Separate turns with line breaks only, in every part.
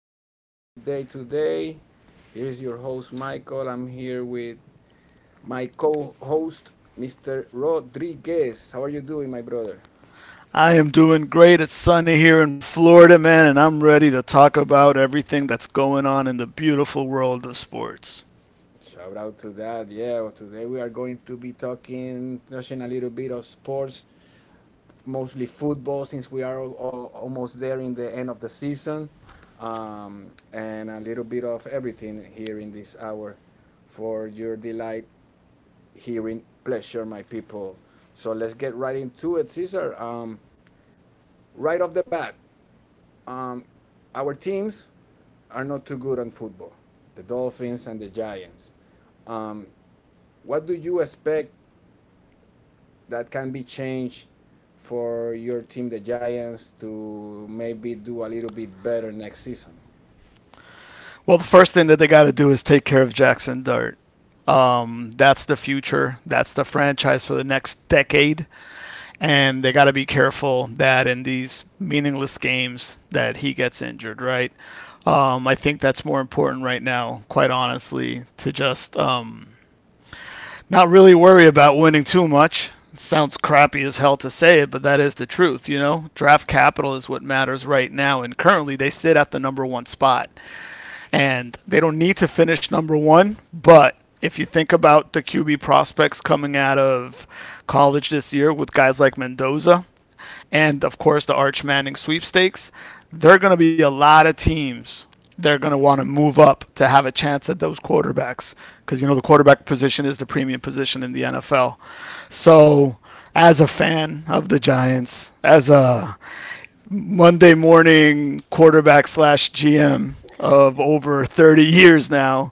having a great day today. Here is your host, Michael. I'm here with my co host, Mr. Rodriguez. How are you doing, my brother?
I am doing great. It's sunny here in Florida, man, and I'm ready to talk about everything that's going on in the beautiful world of sports.
Shout out to that. Yeah, well, today we are going to be talking, touching a little bit of sports, mostly football, since we are almost there in the end of the season, um, and a little bit of everything here in this hour for your delight hearing pleasure, my people. So let's get right into it, Caesar. Right off the bat, um, our teams are not too good on football, the Dolphins and the Giants. Um, what do you expect that can be changed for your team, the Giants, to maybe do a little bit better next season?
Well, the first thing that they got to do is take care of Jackson Dart. That's the future. That's the franchise for the next decade, and they got to be careful that in these meaningless games that he gets injured, right? I think that's more important right now, quite honestly, to just not really worry about winning too much. It sounds crappy as hell to say it, but that is the truth, you know? Draft capital is what matters right now, and currently they sit at the number one spot. And they don't need to finish number one, but if you think about the QB prospects coming out of college this year with guys like Mendoza, and of course the Arch Manning sweepstakes, there are going to be a lot of teams that are going to want to move up to have a chance at those quarterbacks because you know the quarterback position is the premium position in the NFL. So, as a fan of the Giants, as a Monday morning quarterback slash GM of over 30 years now,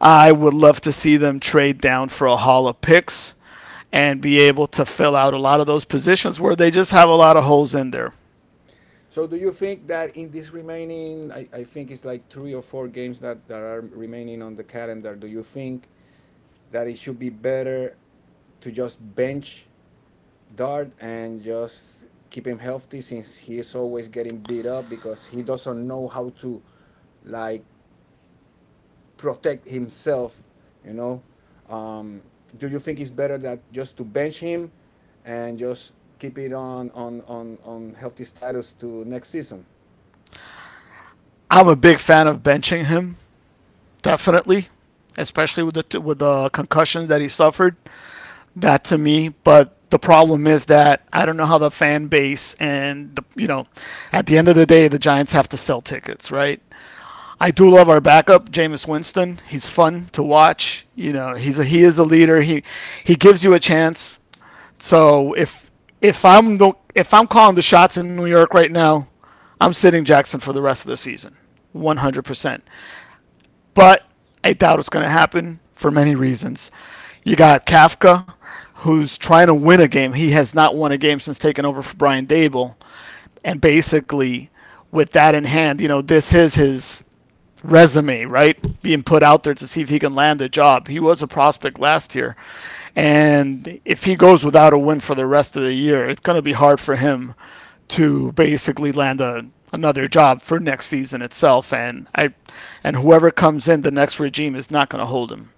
I would love to see them trade down for a haul of picks and be able to fill out a lot of those positions where they just have a lot of holes in there.
So, do you think that in this remaining, I think it's like three or four games that are remaining on the calendar, do you think that it should be better to just bench Dart and just keep him healthy since he is always getting beat up because he doesn't know how to, like, protect himself, you know. Um, do you think it's better that just to bench him and just keep it on healthy status to next season?
I'm a big fan of benching him, definitely, especially with the concussion that he suffered. That to me, but the problem is that I don't know how the fan base and the, you know, at the end of the day, the Giants have to sell tickets, right? I do love our backup, Jameis Winston. He's fun to watch. You know, he is a leader. He gives you a chance. So if I'm the if I'm calling the shots in New York right now, I'm sitting Jackson for the rest of the season, 100%, but I doubt it's going to happen for many reasons. You got Kafka, who's trying to win a game. He has not won a game since taking over for Brian Dable. And basically, with that in hand, you know, this is his resume, right? Being put out there to see if he can land a job. He was a prospect last year. And if he goes without a win for the rest of the year, it's going to be hard for him to basically another job for next season itself. And whoever comes in, the next regime is not going to hold him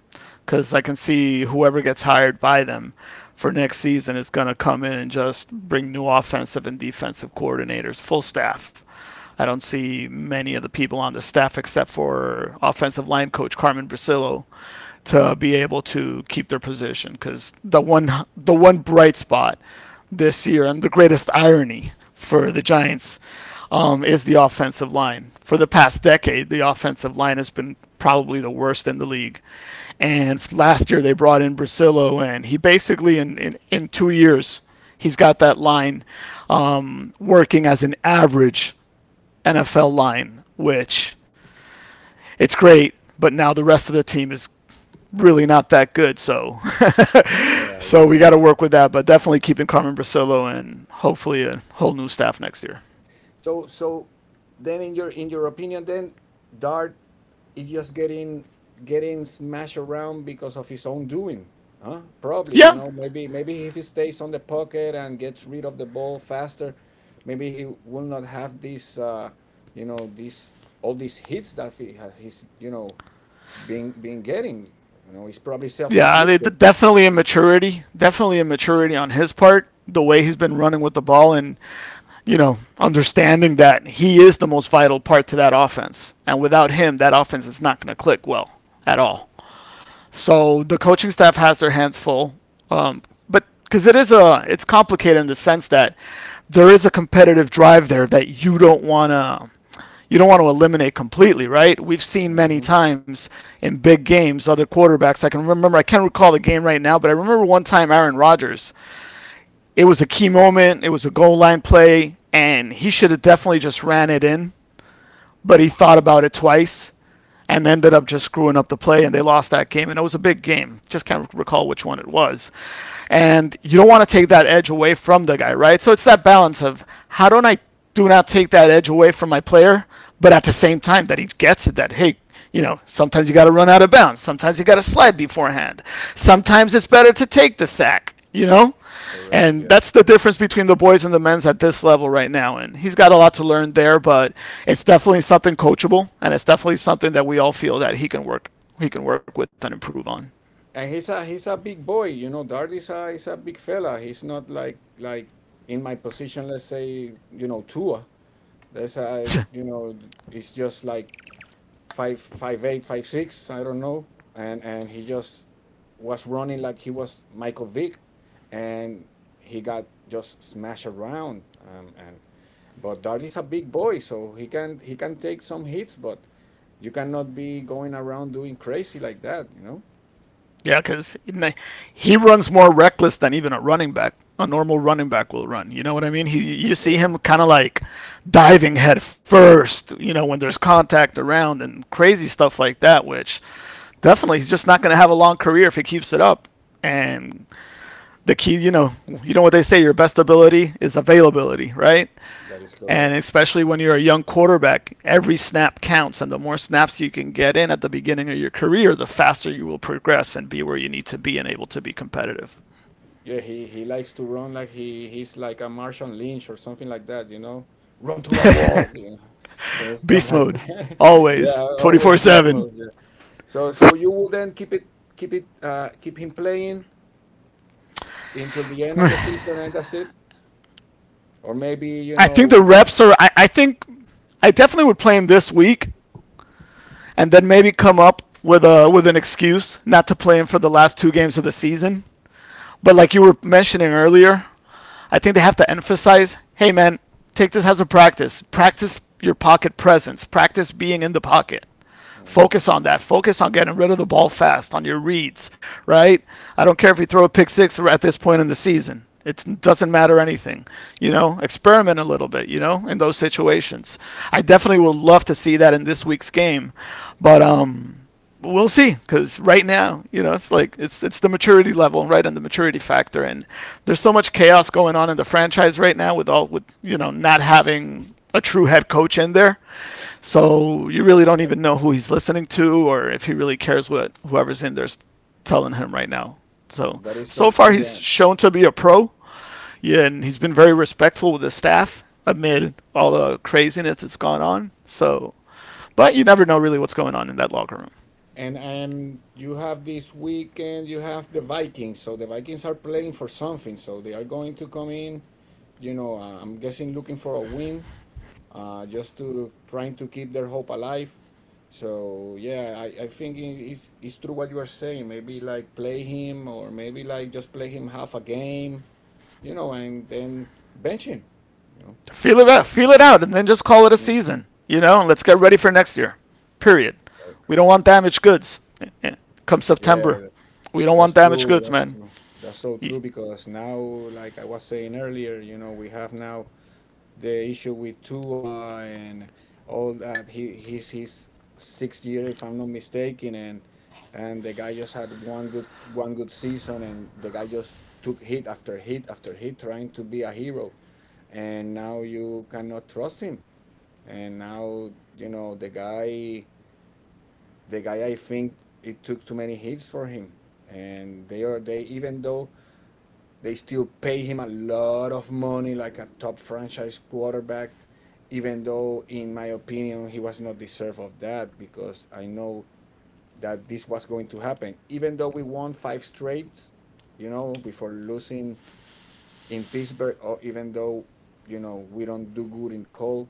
because I can see whoever gets hired by them for next season is going to come in and just bring new offensive and defensive coordinators, full staff. I don't see many of the people on the staff except for offensive line coach Carmen Brasillo to be able to keep their position because the one bright spot this year, and the greatest irony for the Giants is the offensive line. For the past decade, the offensive line has been probably the worst in the league. And last year, they brought in Brasillo, and he basically, in 2 years, he's got that line working as an average NFL line, which it's great, but now the rest of the team is really not that good. So,
Yeah, yeah,
so we
I
got to
understand.
work with that, but definitely keeping Carmen Brasillo and hopefully a whole new staff next year.
So then in your opinion then Dart is just getting smashed around because of his own doing. Huh? Probably,
Yeah,
you know, maybe if he stays on the pocket and gets rid of the ball faster, maybe he will not have this you know, this all these hits that he's, you know, been getting. It's probably self-inflicted.
Definitely a maturity, definitely a maturity on his part. The way he's been running with the ball, and you know, understanding that he is the most vital part to that offense, and without him, that offense is not going to click well at all. So the coaching staff has their hands full, um, but because it's complicated in the sense that there is a competitive drive there that you don't want to eliminate completely, right? We've seen many
Hmm.
times in big games other quarterbacks. I can't recall the game right now, but I remember one time Aaron Rodgers. It was a key moment, it was a goal line play, and he should have definitely just ran it in, but he thought about it twice and ended up just screwing up the play, and they lost that game, and it was a big game. Just can't recall which one it was. And you don't want to take that edge away from the guy, right? So it's that balance of how don't I, do not take that edge away from my player, but at the same time that he gets it that hey, you know, sometimes you got to run out of bounds, sometimes you got to slide beforehand, sometimes it's better to take the sack, you know. And
Correct.
that's the difference between the boys and the men's at this level right now. And he's got a lot to learn there, but it's definitely something coachable, and it's definitely something that we all feel that he can work with and improve on.
And he's a big boy. Dart is a big fella. He's not like in my position. Let's say, you know, Tua. That's a you know he's just like 5 5 8 5 6. I don't know. And he just was running like he was Michael Vick, and he got just smashed around. And but Dart is a big boy, so he can take some hits, but you cannot be going around doing crazy like that.
Yeah, because he runs more reckless than even a running back. A normal running back will run. You know what I mean? He, you see him kind of like diving head first, you know, when there's contact around and crazy stuff like that, which definitely he's just not going to have a long career if he keeps it up. And the key, you know what they say, your best ability is availability, right?
That is
And
correct.
especially when you're a young quarterback, every snap counts, and the more snaps you can get in at the beginning of your career, the faster you will progress and be where you need to be and able to be competitive.
Yeah, he likes to run like he's like a Martian Lynch or something like that, you know? Run through a wall, you know? So stuff
Beast
like
mode,
that. Yeah,
always,
always
24/7.
gizmos. Yeah. So you will then keep him playing until the end of the season and that's it? Or maybe, you
I think the
know.
reps are. I definitely would play him this week, and then maybe come up with a with an excuse not to play him for the last two games of the season. But like you were mentioning earlier, I think they have to emphasize, hey man, take this as a practice. Practice your pocket presence. Practice being in the pocket. Focus
Mhm.
on that. Focus on getting rid of the ball fast on your reads, right? I don't care if you throw a pick six at this point in the season. It doesn't matter anything, you know. Experiment a little bit, you know, in those situations. I definitely would love to see that in this week's game, but we'll see. Because right now, you know, it's the maturity level, right, and the maturity factor, and there's so much chaos going on in the franchise right now with all with you know, not having a true head coach in there. So you really don't even know who he's listening to, or if he really cares what whoever's in there's telling him right now. So,
That is
so
so
far
true,
he's
eh?
shown to be a pro, yeah, and he's been very respectful with his staff amid all the craziness that's gone on. So, but you never know really what's going on in that locker room.
And you have this weekend, you have the Vikings. So the Vikings are playing for something. So they are going to come in, I'm guessing looking for a win, just to trying to keep their hope alive. So yeah, I think it's true what you are saying. Maybe like play him or maybe like just play him half a game, you know, and then bench him, you know. Doesn't
Feel it
matter.
out, and then just call it a
Mhm.
season. You know, and let's get ready for
Correct,
next year. Period. We don't
correct.
want damaged goods. Come September,
Yeah,
we don't
that's
want damaged
true.
goods,
That's
man.
true. That's so true because now, like I was saying earlier, you know, we have now the issue with Tua and all that. He's his sixth year, if I'm not mistaken, and the guy just had one good season, and the guy just took hit after hit after hit, trying to be a hero, and now you cannot trust him, and now you know the guy I think it took too many hits for him, and they even though they still pay him a lot of money like a top franchise quarterback, even though in my opinion he was not deserved of that because I know that this was going to happen. Even though we won five straight, you know, before losing in Pittsburgh, or even though you know we don't do good in cold,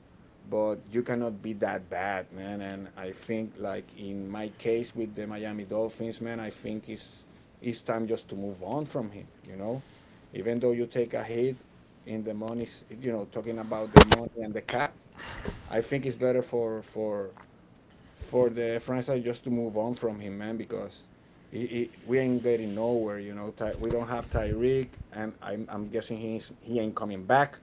but you cannot be that bad, man. And I think like in my case with the Miami Dolphins, man, I think it's time just to move on from him. Even though you take a hit in the money, talking about the money and the cap, I think it's better for the franchise just to move on from him, man, because we ain't getting nowhere. You know, we don't have Tyreek, and I'm guessing he ain't coming back,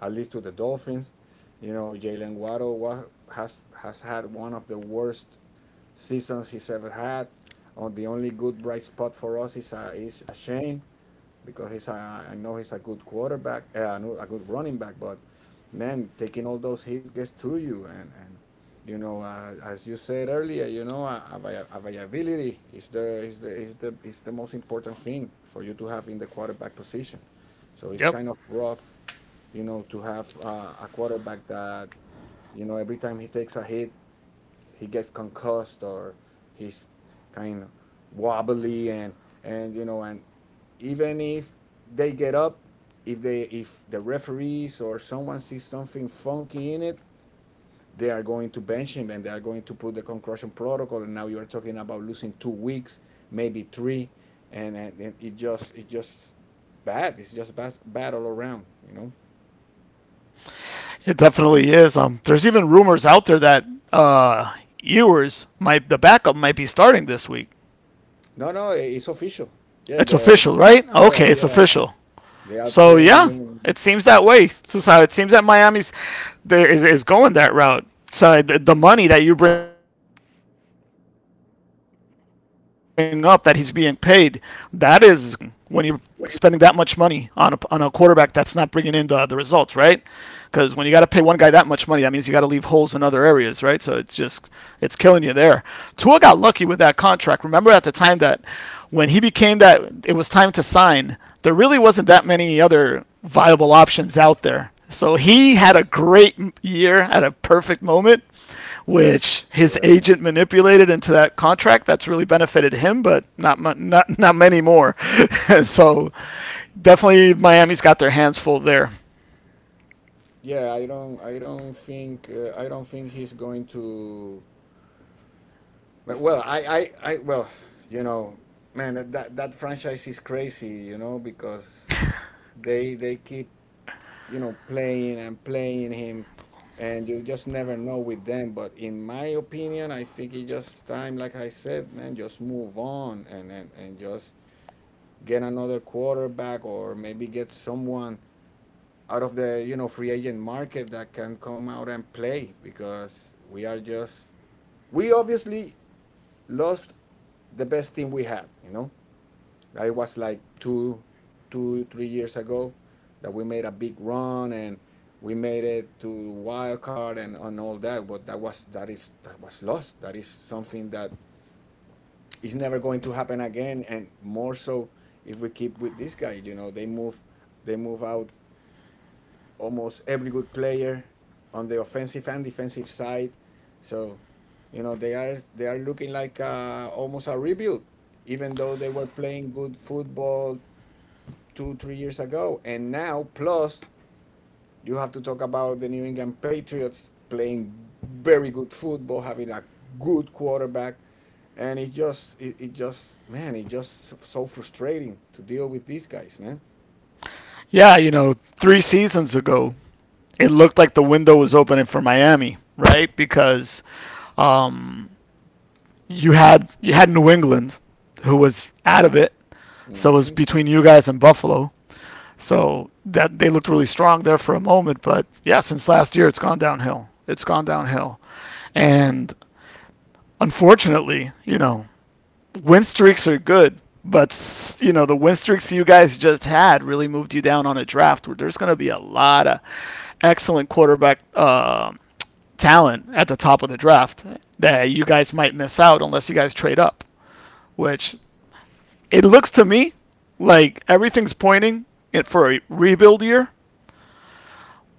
at least to the Dolphins. You know, Jalen Waddle has had one of the worst seasons he's ever had. On the only good bright spot for us is a Shane, because I know he's a good quarterback, no, a good running back, but man, taking all those hits gets to you. And as you said earlier, availability is the most important thing for you to have in the quarterback position. So it's
Yep.
kind of rough, you know, to have a quarterback that, you know, every time he takes a hit, he gets concussed or he's kind of wobbly and and even if they, get up if the referees or someone sees something funky in it, they are going to bench him and they are going to put the concussion protocol, and now you're talking about losing 2 weeks, maybe three. And, and it just bad it's just bad, bad all around, you know.
It definitely is. There's even rumors out there that uh, Ewers might, the backup might be starting this week.
No, no, it's official. Yeah,
It's
the—
official, right?
yeah,
Okay, it's
yeah,
official.
they are
So yeah,
playing.
it seems that way. So how it seems that is going that route. So the money that you bring up that he's being paid, that is when you're spending that much money on on a quarterback that's not bringing in the results, right? Because when you got to pay one guy that much money, that means you got to leave holes in other areas, right? So it's just it's killing you there. Tua got lucky with that contract. Remember at the time that when he became that it was time to sign, there really wasn't that many other viable options out there. So he had a great year at a perfect moment, which his
Yeah,
agent manipulated into that contract. That's really benefited him, but not many more. So definitely Miami's got their hands full there.
yeah, I don't think, I don't think he's going to— But, well, I, well, you know, man, that franchise is crazy, you know, because they keep, playing and playing him, and you just never know with them. But in my opinion, I think it's just time, like I said, man, just move on and just get another quarterback or maybe get someone out of the, free agent market that can come out and play because we are just we obviously lost the best team we had. It was like two, 3 years ago that we made a big run and we made it to wild card and all that. But that was lost. That is something that is never going to happen again. And more so if we keep with this guy. You know, they move out almost every good player on the offensive and defensive side. So, they are looking like, almost a rebuild, even though they were playing good football 2 3 years ago. And now, plus you have to talk about the New England Patriots playing very good football, having a good quarterback, and it just it, it just man, it just so frustrating to deal with these guys, man.
Yeah, you know, three seasons ago, it looked like the window was opening for Miami, right? Because um, you had New England, who was out of it, so it was
Hmm.
between you guys and Buffalo. So that they looked really strong there for a moment, but yeah, since last year, it's gone downhill. It's gone downhill, and unfortunately, you know, win streaks are good. But you know the win streaks you guys just had really moved you down on a draft where there's going to be a lot of excellent quarterback talent at the top of the draft that you guys might miss out unless you guys trade up. Which it looks to me like everything's pointing it for a rebuild year.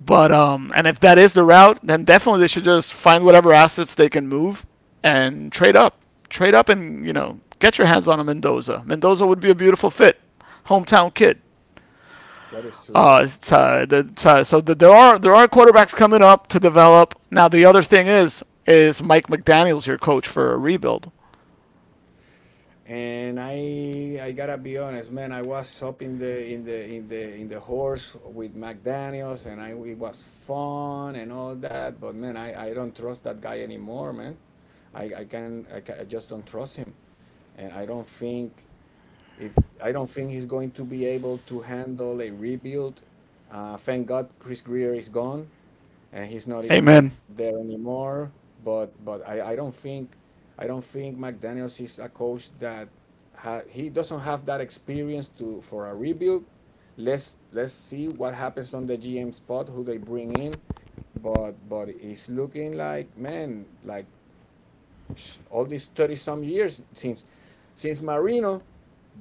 But and if that is the route, then definitely they should just find whatever assets they can move and trade up, and get your hands on a Mendoza. Mendoza would be a beautiful fit, hometown kid.
That is true. That
Uh,
is true.
uh, the, there are quarterbacks coming up to develop. Now the other thing is Mike McDaniel's your coach for a rebuild.
And I gotta be honest, man. I was up in the horse with McDaniel's, and I it was fun and all that. But man, I don't trust that guy anymore, man. I can I, ca I just don't trust him, and if I don't think he's going to be able to handle a rebuild. Thank God Chris Greer is gone and he's not
Amen.
there anymore. But I don't think McDaniel's is a coach that ha, he doesn't have that experience to for a rebuild. Let's see what happens on the GM spot, who they bring in. But it's looking like, man, like, all these 30 some years since Marino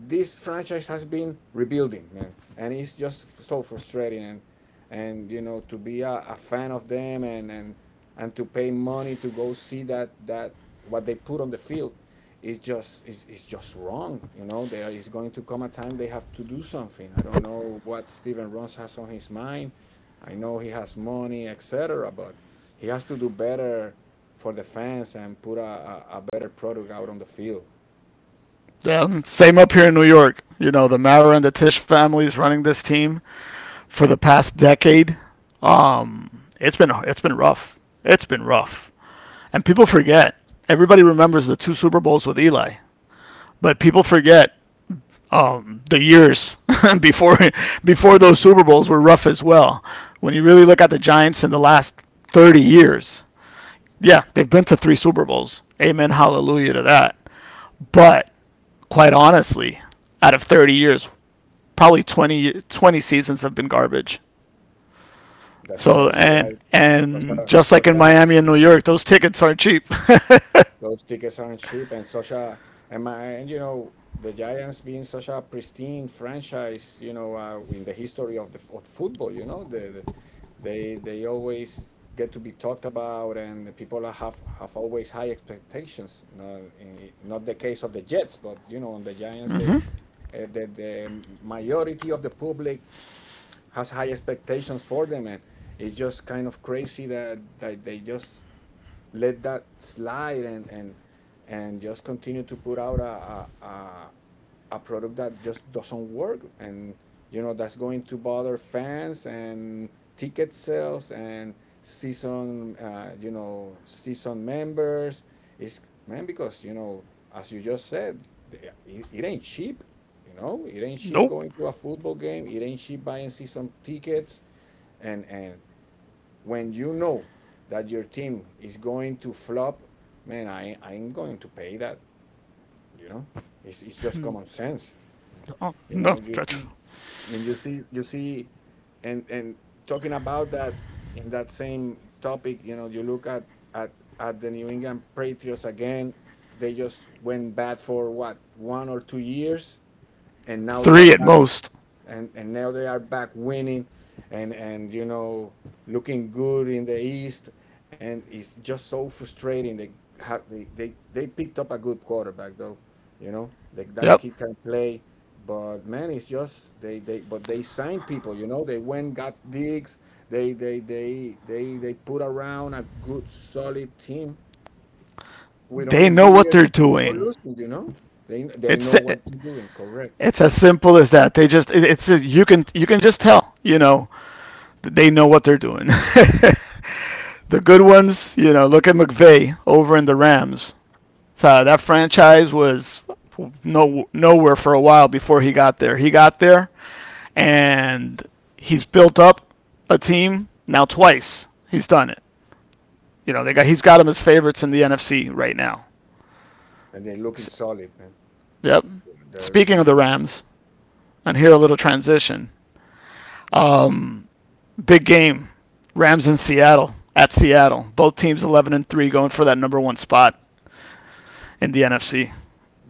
this franchise has been rebuilding, man, and it's just so frustrating. And to be a fan of them, and to pay money to go see that that what they put on the field is just, is just wrong. There is going to come a time they have to do something. I don't know what Steven Ross has on his mind. I know he has money, etc., but he has to do better for the fans and put a better product out on the field.
Yeah, same up here in New York. You know the Mara and the Tish families running this team for the past decade. It's been rough. It's been rough, and people forget. Everybody remembers the two Super Bowls with Eli, but people forget the years before before those
Mhm.
Super Bowls were rough as well. When you really look at the Giants in the last 30 years, yeah, they've been to three Super Bowls. Amen, hallelujah to that. But quite honestly, out of 30 years, probably 20 20 seasons have been garbage.
That's
So
crazy, right? Such
and
a
just like
such
in
a
Miami and New York, those tickets aren't cheap.
Those tickets aren't cheap, and such a and my and you know the Giants being such a pristine franchise, in the history of the of football, they always get to be talked about, and the people have always high expectations. Not in, not the case of the Jets, but you know, on the Giants, they, the majority of the public has high expectations for them, and it's just kind of crazy that they just let that slide and just continue to put out a product that just doesn't work. And you know that's going to bother fans, and ticket sales and season you know season members is, man, because you know, as you just said, it ain't cheap. You know it ain't cheap
Nope.
going to a football game, it ain't cheap buying season tickets. And when you know that your team is going to flop, man, I'm going to pay that. You know, it's just common sense.
Oh,
You
no,
know, you see, and you see, and talking about that, in that same topic, you know, you look at at at the New England Patriots again. They just went bad for what, 1 or 2 years, and now they are
three at
back.
most.
And now they are back winning, and you know looking good in the East, and it's just so frustrating. They had they picked up a good quarterback though, you know, that
Yep.
kid can play. But man, it's just they signed people. You know they went got digs. They put around a good solid team with
They
only
know
two
what
years
they're
before
doing.
losing. You know they
It's
know what they're doing, correct,
It's as simple as that. They just you can just tell that they know what they're doing. The good ones, look at McVay over in the Rams. That franchise was no nowhere for a while before he got there. He got there and he's built up a team now twice. He's done it. You know, they got he's got them as favorites in the NFC right now.
and they're looking solid, man.
Yep.
They're
Speaking of
looking
the
really—
Rams, and here a little transition. Um, Big game. Rams in Seattle. At Seattle. Both teams 11-3 going for that number 1 spot in the NFC.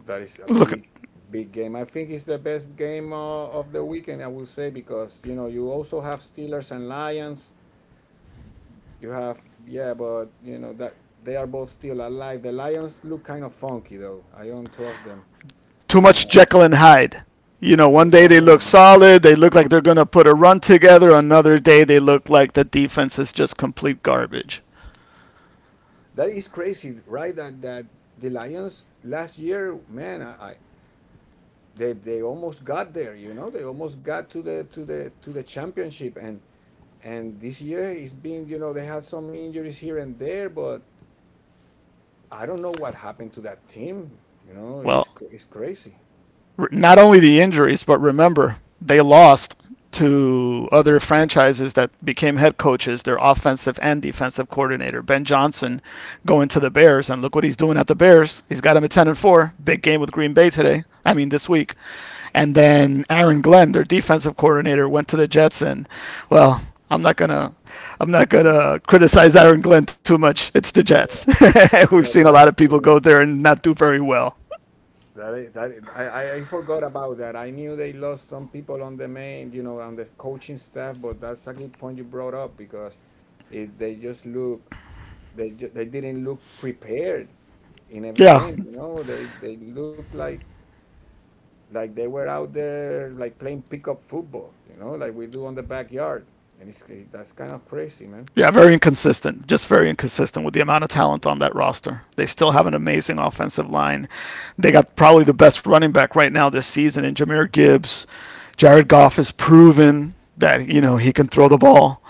That is a
Look,
big, big game. I think it's the best game of the weekend, I will say, because you know you also have Steelers and Lions. You have— yeah, but you know that they are both still alive. The Lions look kind of funky though. I don't trust them.
too
I
much Jekyll and Hyde. You know, one
do.
day
I
they look
don't know.
solid, they look like they're going to put a run together, another day they look like the defense is just complete garbage.
That is crazy, right? That the Lions last year, man, I they almost got there. You know, they almost got to the to the championship And this year it's been, you know, they had some injuries here and there, but I don't know what happened to that team. You know,
Well,
it's crazy.
not only the injuries, but remember they lost to other franchises that became head coaches, their offensive and defensive coordinator. Ben Johnson
Oh,
going to the Bears, and look what he's doing at the Bears. He's got him at 10-4. Big game with Green Bay today. I mean, this week. And then Aaron Glenn, their defensive coordinator, went to the Jets, and well, I'm not gonna. I'm not
yeah,
gonna criticize Aaron Glenn too much. It's the
yeah.
Jets. We've
That,
seen a
that,
lot
that
of
is
people go
uh,
there and not do very well.
that is, that is, I forgot about that. I knew they lost some people on the main, you know, on the coaching staff. But that's a good point you brought up because they just look— they didn't look prepared in every
Yeah,
game. You know, they look like they were out there like playing pickup football. You know, like we do on the backyard, and it's that's kind of crazy, man.
Yeah, very inconsistent. Just very inconsistent with the amount of talent on that roster. They still have an amazing offensive line. They got probably the best running back right now this season in Jameer Gibbs. Jared Goff has proven that he can throw the ball.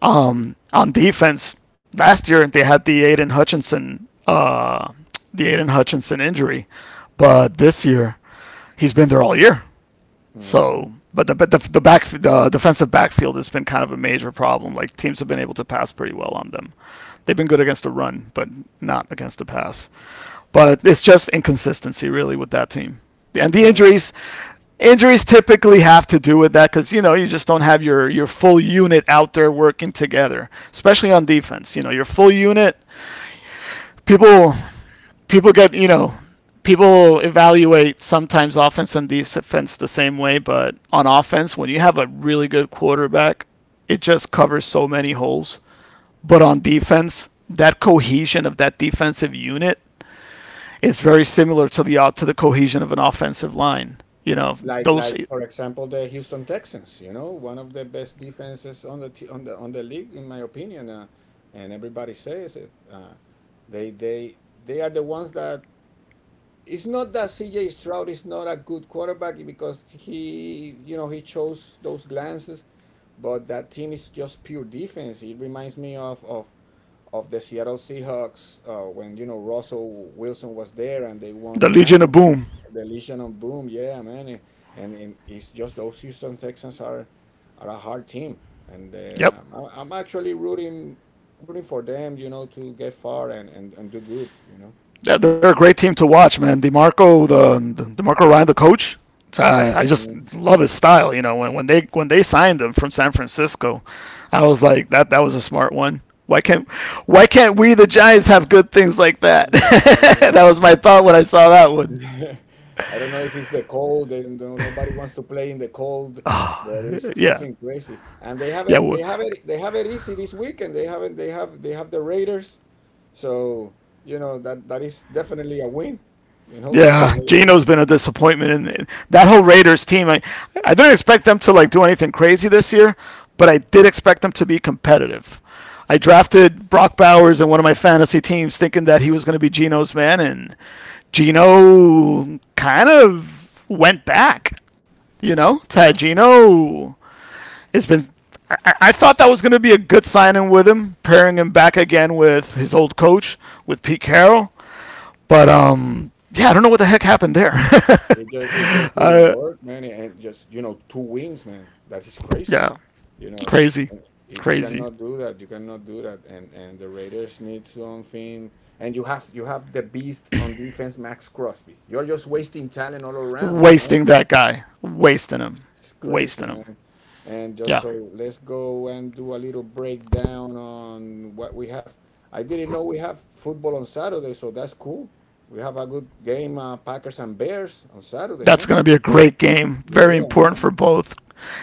On defense, last year they had the Aiden Hutchinson injury, but this year he's been there all year.
hmm
So, but the back the defensive backfield has been kind of a major problem. Like teams have been able to pass pretty well on them. They've been good against the run, but not against the pass. But it's just inconsistency, really, with that team. And the
Man,
injuries typically have to do with that because you just don't have your full unit out there working together, especially on defense. You know your full unit. People people get you know People evaluate sometimes offense and defense the same way, but on offense, when you have a really good quarterback, it just covers so many holes. But on defense, that cohesion of that defensive unit is very similar to the cohesion of an offensive line. You know,
like
those
like for example, the Houston Texans. You know, one of the best defenses on the on the league, in my opinion. And everybody says it. They they they are the ones that— it's not that CJ Stroud is not a good quarterback, because he, you know, he chose those glances, but that team is just pure defense. It reminds me of the Seattle Seahawks when you know Russell Wilson was there and they won
the
a
Legion
champion.
of Boom.
The Legion of Boom, yeah, man, and it's just those Houston Texans are a hard team, and
Yep,
I'm actually rooting for them, you know, to get far and do good, you know.
yeah, they're a great team to watch, man. Demarco Ryan, the coach. I
Mhm.
just love his style. You know, when they signed him from San Francisco, I was like, that was a smart one. Why can't we the Giants have good things like that?
Man, I don't
That
know.
was my thought when I saw that one.
I don't know if it's the cold. They don't, nobody wants to play in the cold, but it's
Yeah,
something crazy. And they have it.
yeah.
They have it. They have it easy this weekend. They haven't. They have. They have the Raiders. So you know that that is definitely a win. You know the
Yeah, Geno
Raiders.
has been a disappointment, and that whole Raiders team. I didn't expect them to like do anything crazy this year, but I did expect them to be competitive. I drafted Brock Bowers in one of my fantasy teams, thinking that he was going to be Geno's man, and Geno kind of went back. You know, Tad
Yeah.
Geno has been. I thought that was going to be a good signing with him, pairing him back again with his old coach, with Pete Carroll. But yeah, I don't know what the heck happened there.
It just, it just didn't work, man. And just you know, two wins, man. That is crazy.
Yeah.
You know,
Crazy.
and it— you
Crazy.
cannot do that. You cannot do that. And the Raiders need something. And you have, you have the beast on defense, Max Crosby. You're just wasting talent all around. You know,
Wasting that guy. Wasting him.
it's crazy,
Wasting him.
man. And just
Yeah.
so let's go and do a little breakdown on what we have. I didn't know we have football on Saturday, so that's cool. We have a good game, Packers and Bears on Saturday,
That's
man.
going to be a great game. Very
Yeah,
important
man.
for both.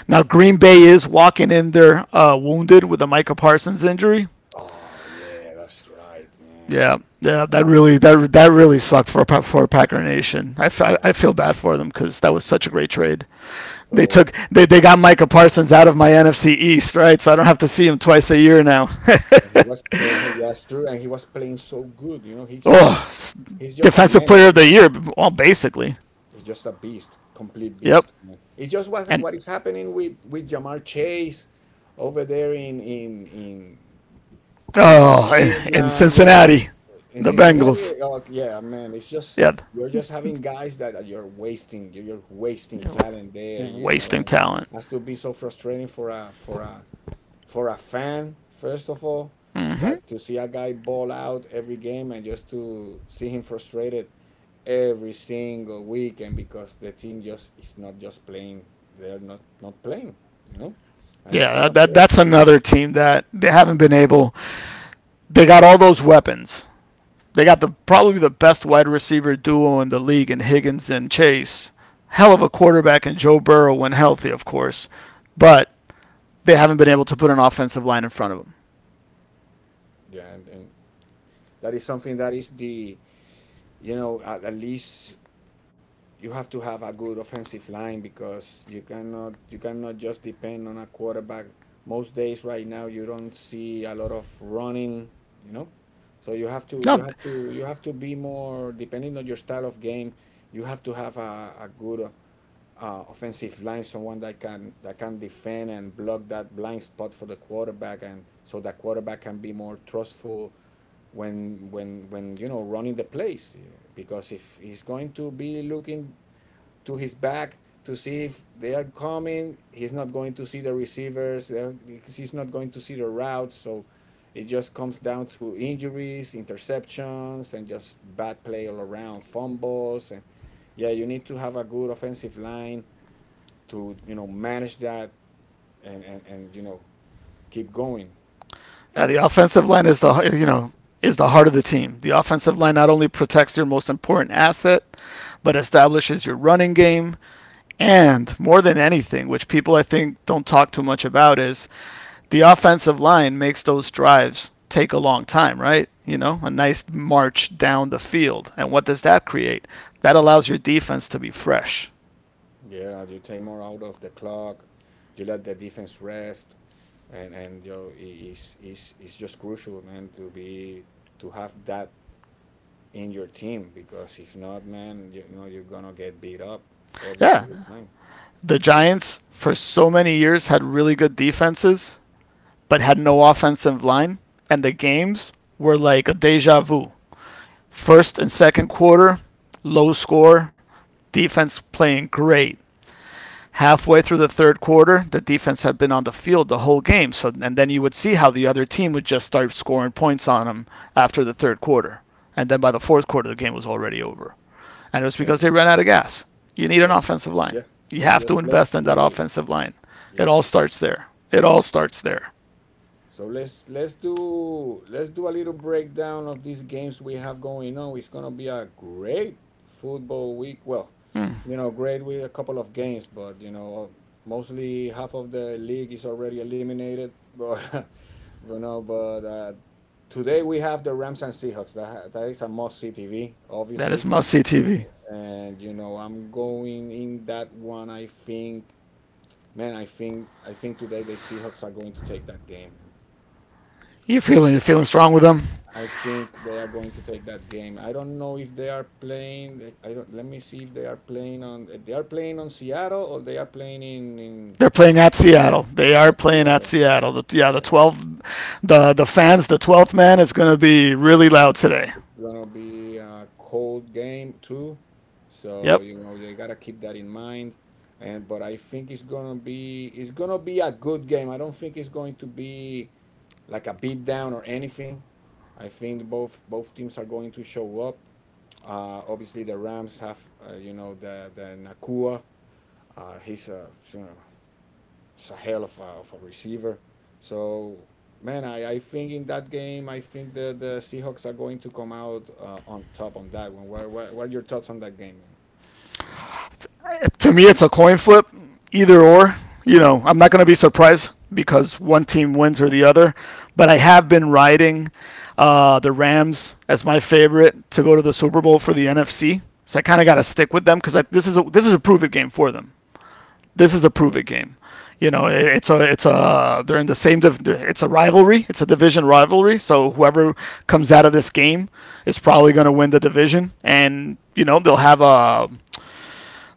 Now,
Good
Green Bay
job.
is walking in there wounded with the Micah Parsons injury.
Oh, yeah, that's right, man.
Yeah, yeah, that
Yeah,
really that that really sucked for Packer Nation. I, f-
yeah.
I feel bad for them because that was such a great trade. They
So
took they, they got Micah Parsons out of my NFC East, right? So I don't have to see him twice a year now.
and he, was true, and he was playing so good. You know,
Oh,
he's just a
defensive
menace.
player of the year, well, basically.
He's just a beast, complete
Yep,
beast. Man. It's just,
and
what is happening with Jamar Chase over there in in
oh,
Cleveland. You know,
Cincinnati,
in
the Bengals.
Cincinnati, oh, yeah, man, it's just,
Yeah,
you're just having guys that are— you're wasting, you're wasting talent there, you know,
wasting
and
talent.
has to be so frustrating for a, for a for a fan, first of all,
Hmm.
that to see a guy ball out every game and just to see him frustrated every single weekend because the team just is not just playing, they're not not playing, you know, and it's
Yeah,
kind
that,
of
that that's
crazy.
another team that they haven't been able. They got all those weapons. They got the probably the best wide receiver duo in the league in Higgins and Chase. Hell of a quarterback in Joe Burrow when healthy, of course. But they haven't been able to put an offensive line in front of them.
Yeah, and that is something that is the, you know, at least you have to have a good offensive line because you cannot, you cannot just depend on a quarterback. Most days right now you don't see a lot of running, you know. So you have
Now
to, you have to be more depending on your style of game. You have to have a good offensive line, someone that can, defend and block that blind spot for the quarterback, and so that quarterback can be more trustful when, you know running the plays, yeah, because if he's going to be looking to his back to see if they are coming. He's not going to see the receivers. He's not going to see the routes. So it just comes down to injuries, interceptions, and just bad play all around, fumbles, and yeah, you need to have a good offensive line to you know manage that, and you know, keep going.
Yeah, the offensive line is the heart of the team. The offensive line not only protects your most important asset, but establishes your running game. And more than anything, which people I think don't talk too much about, is the offensive line makes those drives take a long time, right? You know, a nice march down the field. And what does that create? That allows your defense to be fresh.
Yeah, you take more out of the clock. You let the defense rest, and you know, it's just crucial, man, to be, to have that in your team, because if not, man, you know you're gonna get beat up every
Yeah.
single time.
The
Every single
Giants, for so many years, had really good defenses but had no offensive line, and the games were like a deja vu. First and second quarter, low score, defense playing great. Halfway through the third quarter, the defense had been on the field the whole game. So and then you would see how the other team would just start scoring points on them after the third quarter. And then by the fourth quarter, the game was already over. And it was because
play.
they ran out of gas. You
It's
need an
just,
offensive line.
yeah,
You
just
have to
just late.
invest in
You're
that
late.
offensive line. It
Yeah.
all starts there. It all starts there.
So let's, let's do a little breakdown of these games we have going on. It's gonna be a great football week. Well,
Hmm.
you know, great with a couple of games, but you know, mostly half of the league is already eliminated. But but no, but today we have the Rams and Seahawks. That is a must see TV,
That is
obviously.
must see TV.
And you know, I'm going in that one. I think, man, I think today the Seahawks are going to take that game, man.
You're feeling strong with them.
I think they are going to take that game. I don't know if they are playing. I don't. Let me see if they are playing on. They are playing on Seattle or they are playing in
They're playing at Seattle. They are
at
playing at
Seattle.
Seattle. Yeah, the
Yeah.
12, the fans, the 12th man is going to be really loud today.
It's gonna be a cold game too,
Yep.
so you know you gotta keep that in mind. And but I think it's gonna, be it's gonna be a good game. I don't think it's going to be like a beat down or anything. I think both, both teams are going to show up. Obviously, the Rams have, you know, the Nakua. He's a, you know, it's a hell of a receiver. So man, I think in that game, I think the Seahawks are going to come out on top on that one. What are your thoughts on that game, man?
To me it's a coin flip, either or. You know, I'm not going to be surprised because one team wins or the other, but I have been riding the Rams as my favorite to go to the Super Bowl for the NFC. So I kind of got to stick with them because this is a prove it game for them. This
That
is
is
a prove
correct.
it game. You know, it's a they're in the same it's a rivalry. It's a division rivalry. So whoever comes out of this game is probably going to win the division, and you know they'll have a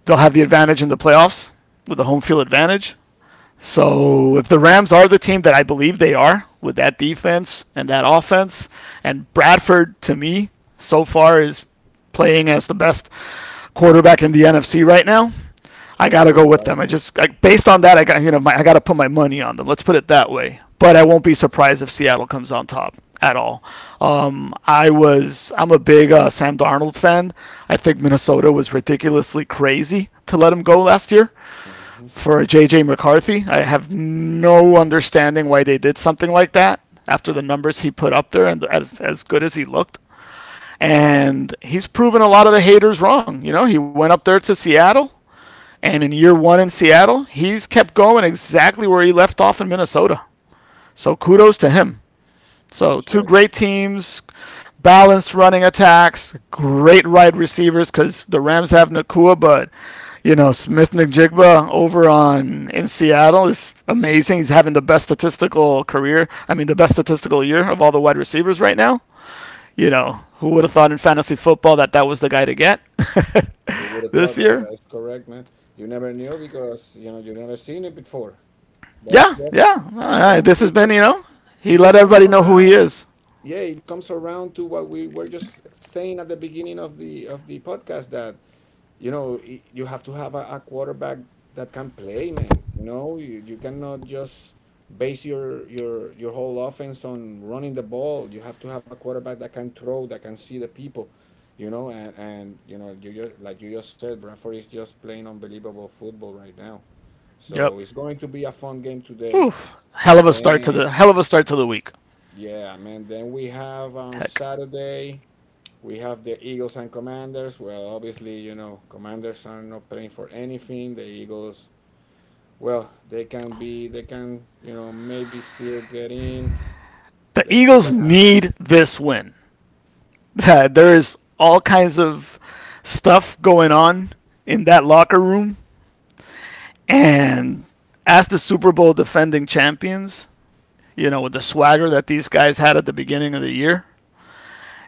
they'll have the advantage in the playoffs with the home field advantage. So if the Rams are the team that I believe they are with that defense and that offense, and Bradford to me so far is playing as the best quarterback in the NFC right now. I
So
gotta go
good,
with
right,
them.
man?
I, based on that, I gotta put my money on them. Let's put it that way. But I won't be surprised if Seattle comes on top at all. I'm a big Sam Darnold fan. I think Minnesota was ridiculously crazy to let him go last year
Hmm.
for JJ McCarthy. I have no understanding why they did something like that after the numbers he put up there and as good as he looked. And he's proven a lot of the haters wrong. You know, he went up there to Seattle and in year one in Seattle, he's kept going exactly where he left off in Minnesota. So kudos to him.
That
So
is
two
right.
great teams, balanced running attacks, great wide receivers because the Rams have Nakua, but you know Smith Njigba over on in Seattle is amazing. He's having the best statistical career. I mean, the best statistical year of all the wide receivers right now. You know, who would have thought in fantasy football that that was the guy to get
Who would have
this
thought, right?
year?
That's correct, man. You never knew because you know you never seen it before. But it's
Yeah,
just,
yeah. This has
it
been,
just— it
he let
just comes
everybody know who he
around.
is.
Yeah, it comes around to what we were just saying at the beginning of the, of the podcast, that you know, you have to have a quarterback that can play, man. You know, you cannot just base your whole offense on running the ball. You have to have a quarterback that can throw, that can see the people. You know, and you know you just, like you just said, Bradford is just playing unbelievable football right now.
Yep.
So it's going to be a fun game today.
Oof. Hell of a start to
Then
the week.
yeah, man. Then we have on
Heck,
Saturday, we have the Eagles and Commanders. Well, obviously, you know, Commanders are not playing for anything. The Eagles, well, they can be, they can, you know, maybe still get in.
the
Let's see
Eagles
what happens.
need this win. There is all kinds of stuff going on in that locker room, and as the Super Bowl defending champions, you know, with the swagger that these guys had at the beginning of the year,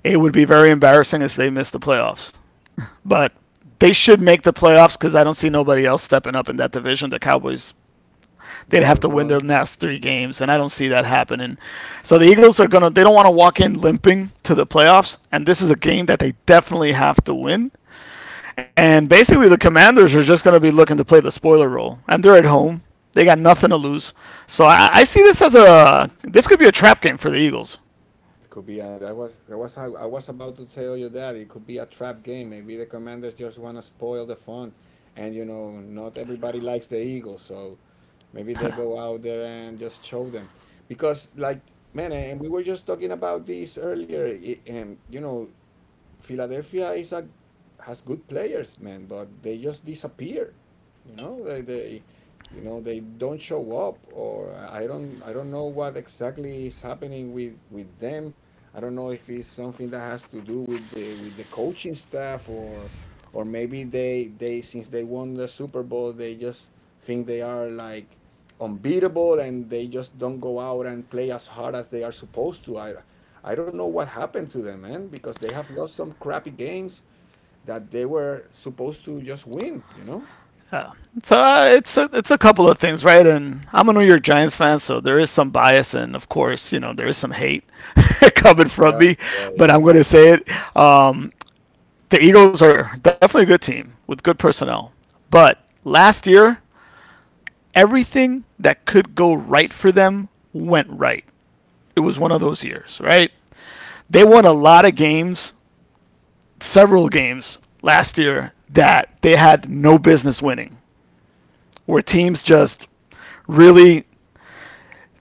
it would be very embarrassing if they missed the playoffs. But they should make the playoffs because I don't see nobody else stepping up in that division. The Cowboys,
They
they'd
are
have to win
gone.
their last three games, and I don't see that happening. So the Eagles are gonna, they don't want to walk in limping to the playoffs, and this is a game that they definitely have to win. And basically, the Commanders are just gonna be looking to play the spoiler role, and they're at home. They got nothing to lose, so I see this as a, this could be a trap game for the Eagles.
It could be a, I was about to tell you that it could be a trap game. Maybe the Commanders just want to spoil the fun, and you know not everybody likes the Eagles, so maybe they go out there and just show them. Because like man, and we were just talking about this earlier. You know Philadelphia is a has good players, man, but they just disappear. You know, they you know they don't show up, or I don't know what exactly is happening with them. I don't know if it's something that has to do with the coaching staff or maybe they since they won the Super Bowl they just think they are like unbeatable and they just don't go out and play as hard as they are supposed to. I don't know what happened to them, man, because they have lost some crappy games that they were supposed to just win, you know?
Uh, So it's a couple of things, right? And I'm a New York Giants fan, so there is some bias, and of course, you know, there is some hate coming from
Yeah,
me.
right.
But I'm going to say it: um, the Eagles are definitely a good team with good personnel. But last year, everything that could go right for them went right. It was one of those years, right? They won a lot of games, several games last year that they had no business winning, where teams just really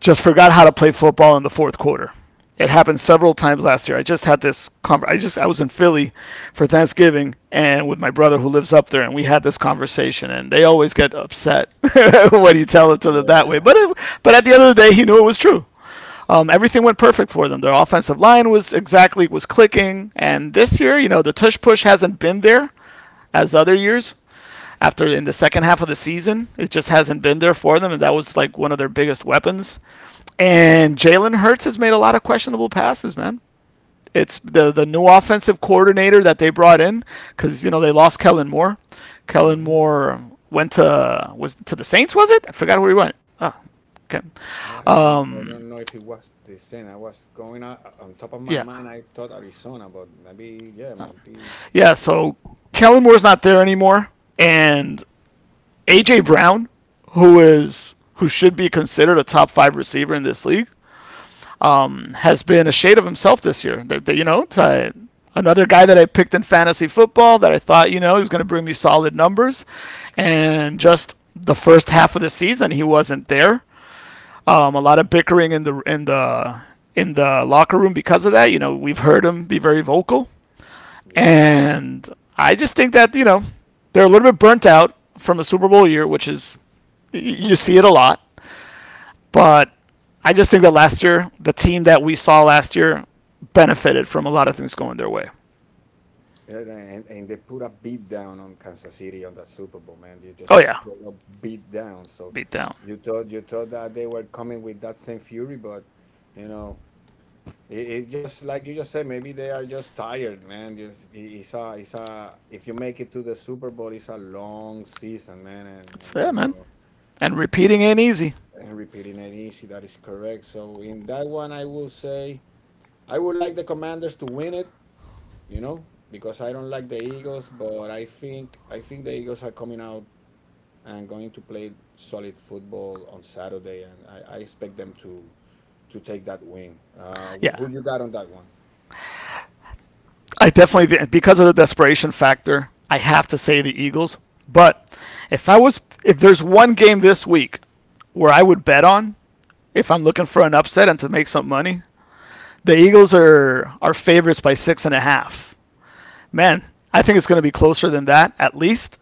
just forgot how to play football in the fourth quarter. It happened several times last year. I just had this conver- I just, I was in Philly for Thanksgiving and with my brother who lives up there, and we had this conversation. And they always get upset when you tell it to them that
Yeah.
way. But it, but at the end of the day, he knew it was true. Everything went perfect for them. Their offensive line was clicking. And this year, you know, the tush push hasn't been there as other years. After, in the second half of the season, it just hasn't been there for them, and that was like one of their biggest weapons. And Jalen Hurts has made a lot of questionable passes, man. It's the new offensive coordinator that they brought in because you know they lost Kellen Moore. Kellen
hmm
Moore went to was to the Saints, was it? I forgot where he went. Oh, okay.
Man, I don't, I
Um.
don't know if it was the same. I was going on top of my
Yeah.
mind. I thought Arizona, but maybe, yeah, maybe,
Yeah. So Kellen Moore's not there anymore, and AJ Brown, who should be considered a top five receiver in this league, has been a shade of himself this year. You know, another guy that I picked in fantasy football that I thought, you know, he was going to bring me solid numbers. And just the first half of the season, he wasn't there. A lot of bickering in the locker room because of that. You know, we've heard him be very vocal,
yeah.
and I just think that you know they're a little bit burnt out from a Super Bowl year, which, is you see it a lot. But I just think that last year, the team that we saw last year benefited from a lot of things going their way.
Yeah, and they put a beat down on Kansas City on that Super Bowl, man. They
Oh
just a
yeah,
straight up beat down. So
beat down.
you thought that they were coming with that same fury, but you know, it just like you just said, maybe they are just tired, man. Just it's a if you make it to the Super Bowl, it's a long season, man, and,
That's
and
it,
you
man.
know
And repeating
you,
ain't easy.
and repeating it easy. That is correct. So in that one, I will say I would like the Commanders to win it, you know, because I don't like the Eagles, but I think the Eagles are coming out and going to play solid football on Saturday, and I expect them to take that win.
Yeah,
Who you got on that one?
I definitely did because of the desperation factor. I have to say the Eagles. But if I was, if there's one game this week where I would bet on, if I'm looking for an upset and to make some money, the Eagles are favorites by six and a half. Man, I think it's going to be closer than that at least.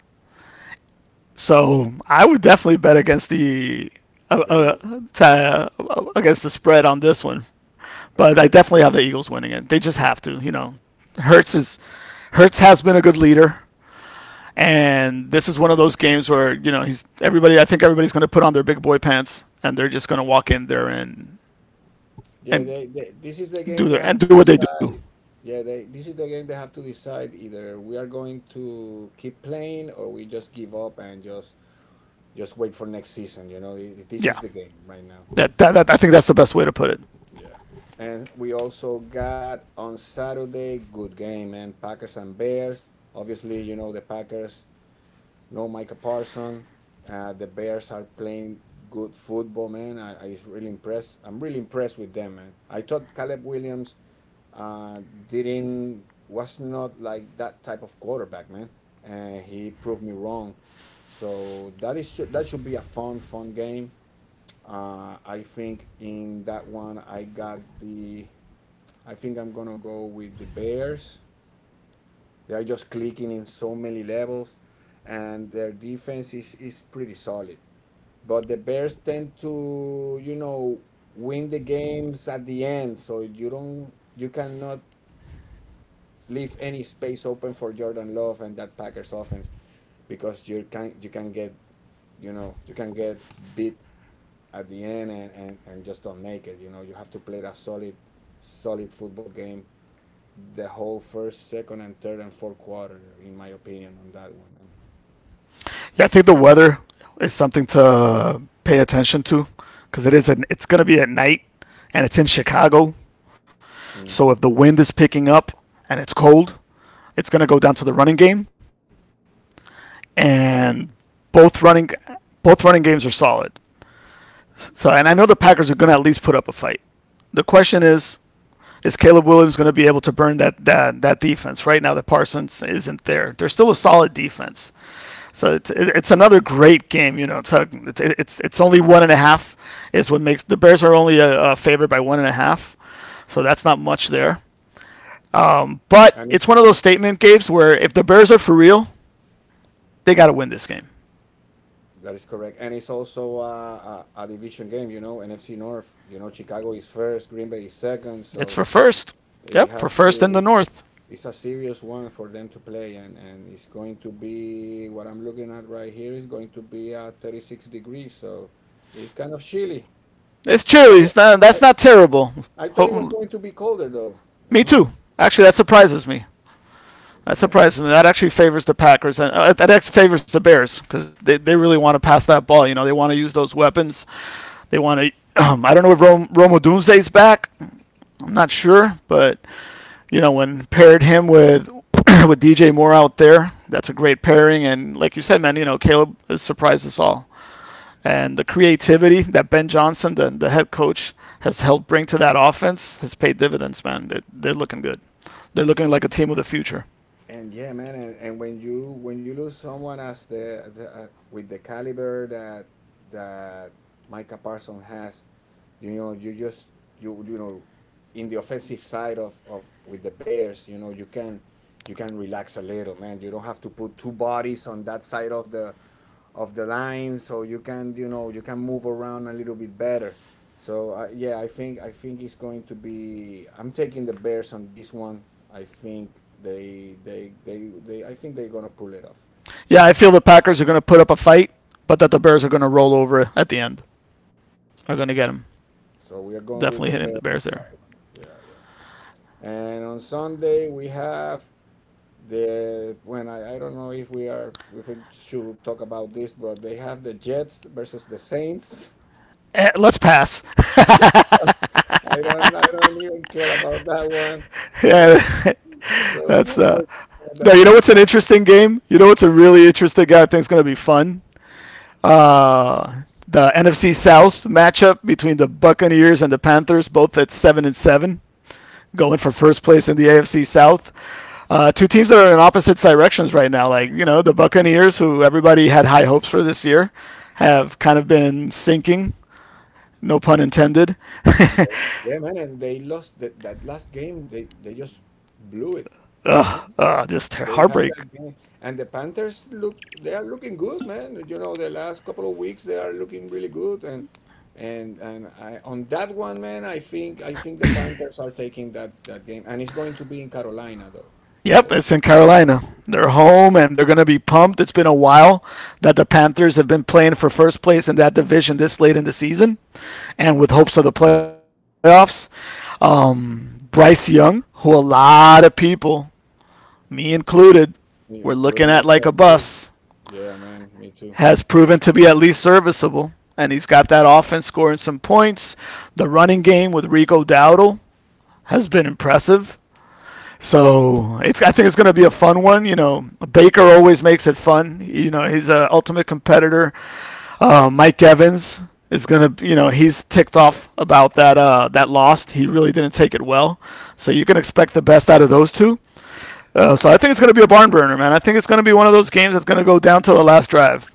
So I would definitely bet against the uh,
The Eagles.
uh, t- uh, against the spread on this one, but
Yeah.
I definitely have the Eagles winning it. They just have to, you know. Hurts is Hurts has been a good leader, and this is one of those games where you know he's everybody. I think everybody's going to put on their big boy pants, and they're just going to walk in there
Yeah,
and
this is the game
do
they
their
have
and
to
do what they do.
decide. Yeah, this is the game they have to decide either we are going to keep playing or we just give up and just wait for next season. You know, this
Yeah,
is the game right now.
that, I think that's the best way to put it.
Yeah. And we also got on Saturday, good game, man. Packers and Bears. Obviously, you know the Packers, no Micah Parson. The Bears are playing good football, man. I is really impressed. I'm really impressed with them, man. I thought Caleb Williams uh, didn't was not like that type of quarterback, man. And he proved me wrong. So that is that should be a fun, fun game. I think in that one I got the. I think I'm gonna go with the Bears. They are just clicking in so many levels, and their defense is pretty solid. But the Bears tend to, you know, win the games at the end, so you don't, you cannot leave any space open for Jordan Love and that Packers offense because you can get you know you can get beat at the end and, and just don't make it. You know you have to play a solid solid football game the whole first, second, and third and fourth quarter in my opinion on that one. And,
Yeah, I think the weather is something to pay attention to because it's going to be at night and it's in Chicago. So if
mhm,
the wind is picking up and it's cold, it's going to go down to the running game and both running both running games are solid. So, and I know the Packers are going to at least put up a fight. The question is Caleb Williams going to be able to burn that defense right now that Parsons isn't there? They're still a solid defense. So it's another great game, you know. So it's only one and a half is what makes the Bears are only a favorite by one and a half. So that's not much there. But
and it's,
it's one of those
it's-
statement games where if the Bears are for real, they got to win this game.
that is correct. And it's also a division game. You know NFC North. You know Chicago is first, Green Bay is second,
It's
so.
for first.
It
Yep, for
has
first in
to.
the North.
It's a serious one for them to play and it's going to be what I'm looking at right here is going to be at 36 degrees, so it's kind of chilly.
It's
i thought it,
cheery. It's not,
I,
that's not terrible.
I thought it was
Ho-
going to be colder though, you
Me
know.
too. Actually, that surprises me. That
Yeah.
surprises me. That actually favors the Packers and that favors the Bears because they really want to pass that ball. You know, they want to use those weapons. They want to. I don't know if Romo Dunze's back. I'm not sure, but you know when paired him with with DJ Moore out there, that's a great pairing. And like you said, man, you know Caleb has surprised us all. And the creativity that Ben Johnson, the head coach, has helped bring to that offense has paid dividends, man. They're looking good. They're looking like a team with a future.
And yeah man, and when you lose someone as the with the caliber that that Micah Parsons has, you know you just you know in the offensive side of with the Bears, you know you can relax a little, man. You don't have to put two bodies on that side of the line, so you can you know you can move around a little bit better. So I, yeah, I think it's going to be I'm taking the Bears on this one. I think they I think they're going to pull it off.
Yeah, I feel the Packers are going to put up a fight, but that the Bears are going to roll over at the end. Are going to get them.
So we are going
Definitely
with
hitting
the
the
Bears
Bears there.
on that one. Yeah, yeah. And on Sunday we have the when I don't know if we are if we should talk about this but they have the Jets versus the Saints.
Eh, let's pass.
I don't even care about that one, you
Yeah,
know. So
That's
just for
no.
that
You know
one.
what's an interesting game? You know what's a really interesting game? I think it's gonna be fun. Uh, the NFC South matchup between the Buccaneers and the Panthers, both at seven and seven, going for first place in the AFC South. Two teams that are in opposite directions right now. Like you know, the Buccaneers, who everybody had high hopes for this year, have kind of been sinking. No pun intended.
And they, yeah, man, and they lost that that last game. They just blew it. You know,
Ugh, ugh, just
they had
heartbreak.
that game, and the Panthers look they are looking good, man. You know, the last couple of weeks they are looking really good, and I on that one, man, I think the Panthers are taking that that game, and it's going to be in Carolina though,
Yep,
also
it's in Carolina. They're home and they're going to be pumped. It's been a while that the Panthers have been playing for first place in that division this late in the season and with hopes of the playoffs. Bryce Young, who a lot of people, me included, were looking
including
at like a
myself too.
bus,
Yeah, man, me too.
has proven to be at least serviceable. And he's got that offense scoring some points. The running game with Rico Dowdle has been impressive. So it's, I think it's going to be a fun one. You know, Baker always makes it fun. You know, he's an ultimate competitor. Mike Evans is going to, you know he's ticked off about that that loss. He really didn't take it well. So you can expect the best out of those two. So I think it's going to be a barn burner, man. I think it's going to be one of those games that's going to go down to the last drive.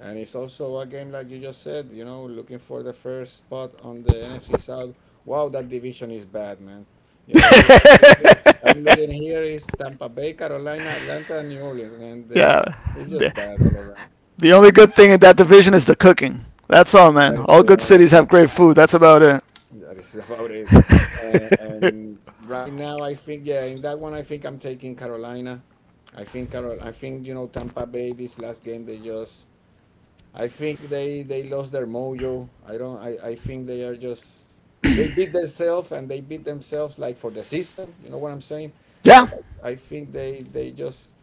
And it's also a game like you just said, you know, looking for the first spot on the NFC South. Wow, that division is bad, man. You know, that- I'm looking here is Tampa Bay, Carolina, Atlanta, and New Orleans, man.
Yeah.
It's
The,
just bad all around.
the only good thing in that division is the cooking. That's all, man.
That is
All
the
good
only
cities have
thing
great food. That's about it.
that is about it. And right now, I think, yeah, in that one, I think I'm taking Carolina. I think you know Tampa Bay. This last game, they just I think they lost their mojo. I don't. I think they are just they beat themselves and they beat themselves like for the season. You know what I'm saying? Like
Yeah.
I think they just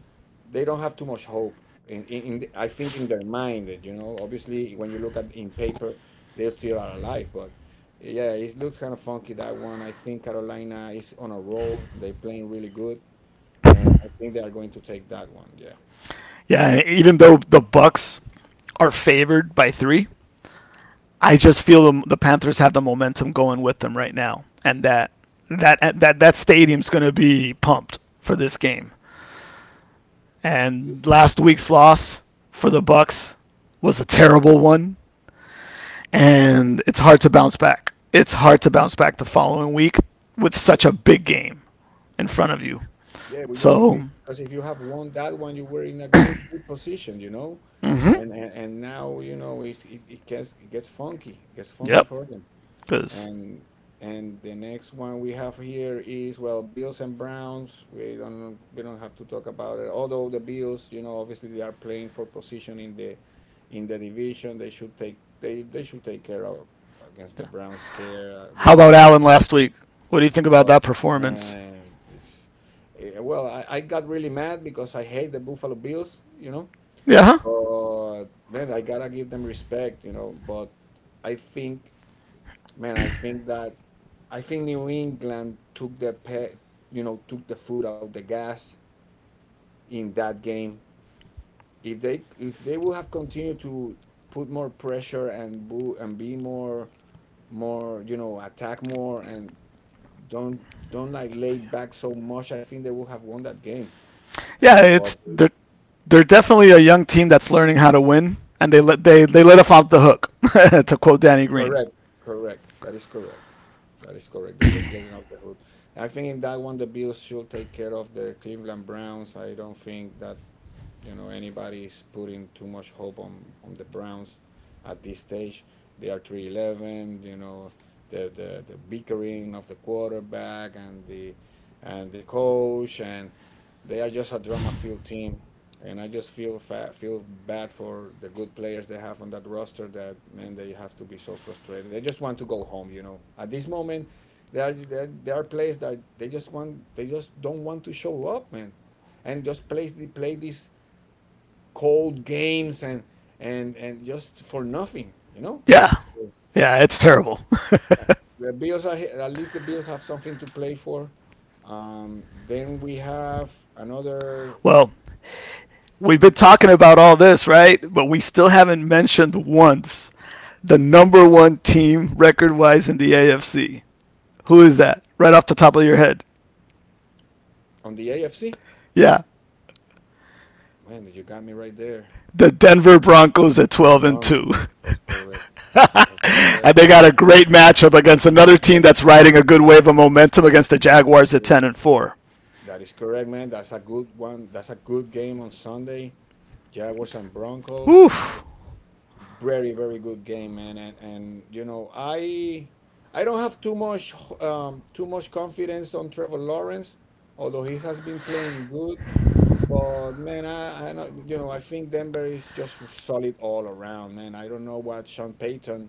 they don't have too much hope. In I think in their mind, that, you know, obviously when you look at in paper, they still are alive. But yeah, it looks kind of funky that one. I think Carolina is on a roll. They're playing really good, and I think they are going to take that one. Yeah.
Yeah, even though the Bucks are favored by three. I just feel the Panthers have the momentum going with them right now, and that that stadium's going to be pumped for this game. And last week's loss for the Bucks was a terrible one, and it's hard to bounce back. It's hard to bounce back the following week with such a big game in front of you.
Yeah, but you
So,
because if you have won that one, you were in a good good position, you know, and and now you know it's, it gets funky, it gets funky
yep.
for them.
Because
And and the next one we have here is well, Bills and Browns. We don't have to talk about it. Although the Bills, you know, obviously they are playing for position in the division. They should take care of against the Browns. Care
how
with
about Allen last week? What do you think about that
but
performance?
man, if, eh, well, I got really mad because I hate the Buffalo Bills, you know.
Yeah, huh?
But man, I gotta give them respect, you know. But I think, I think that I think New England took you know took the foot out the gas in that game. If they would have continued to put more pressure and boo and be more more you know attack more and don't don't like lay back so much, I think they will have won that game.
Yeah.
And
It's
but
They're definitely a young team that's learning how to win, and they let us off the hook, to quote Danny Green.
correct, correct. That is correct. That is correct. They just letting out the hood. I think in that one the Bills should take care of the Cleveland Browns. I don't think that you know anybody's putting too much hope on the Browns at this stage. They are 3-11. You know the bickering of the quarterback and the coach and they are just a drama filled team. And I just feel feel bad for the good players they have on that roster. That man, they have to be so frustrated. They just want to go home, you know. At this moment, there are players that they just don't want to show up, man, and just play the play this cold games and just for nothing, you know.
Yeah,
So
yeah, it's
yeah,
terrible.
uh, the Bills are, at least the Bills have something to play for. Then we have another
Well, we've been talking about all this, right? But we still haven't mentioned once the number one team record-wise in the AFC. Who is that? Right off the top of your head?
on the AFC.
Yeah,
Man, you got me right there.
the Denver Broncos at
The
12 and
Broncos.
two.
Correct. That's correct.
And they got a great matchup against another
But
team that's riding a good wave of momentum against the Jaguars at
uh,
10-4.
that is correct, man. That's a good one. That's a good game on Sunday. Jaguars and Broncos. Very very good game, man, and I don't have too much confidence on Trevor Lawrence, although he has been playing good. But man, I know, I think Denver is just solid all around, man. I don't know what Sean Payton,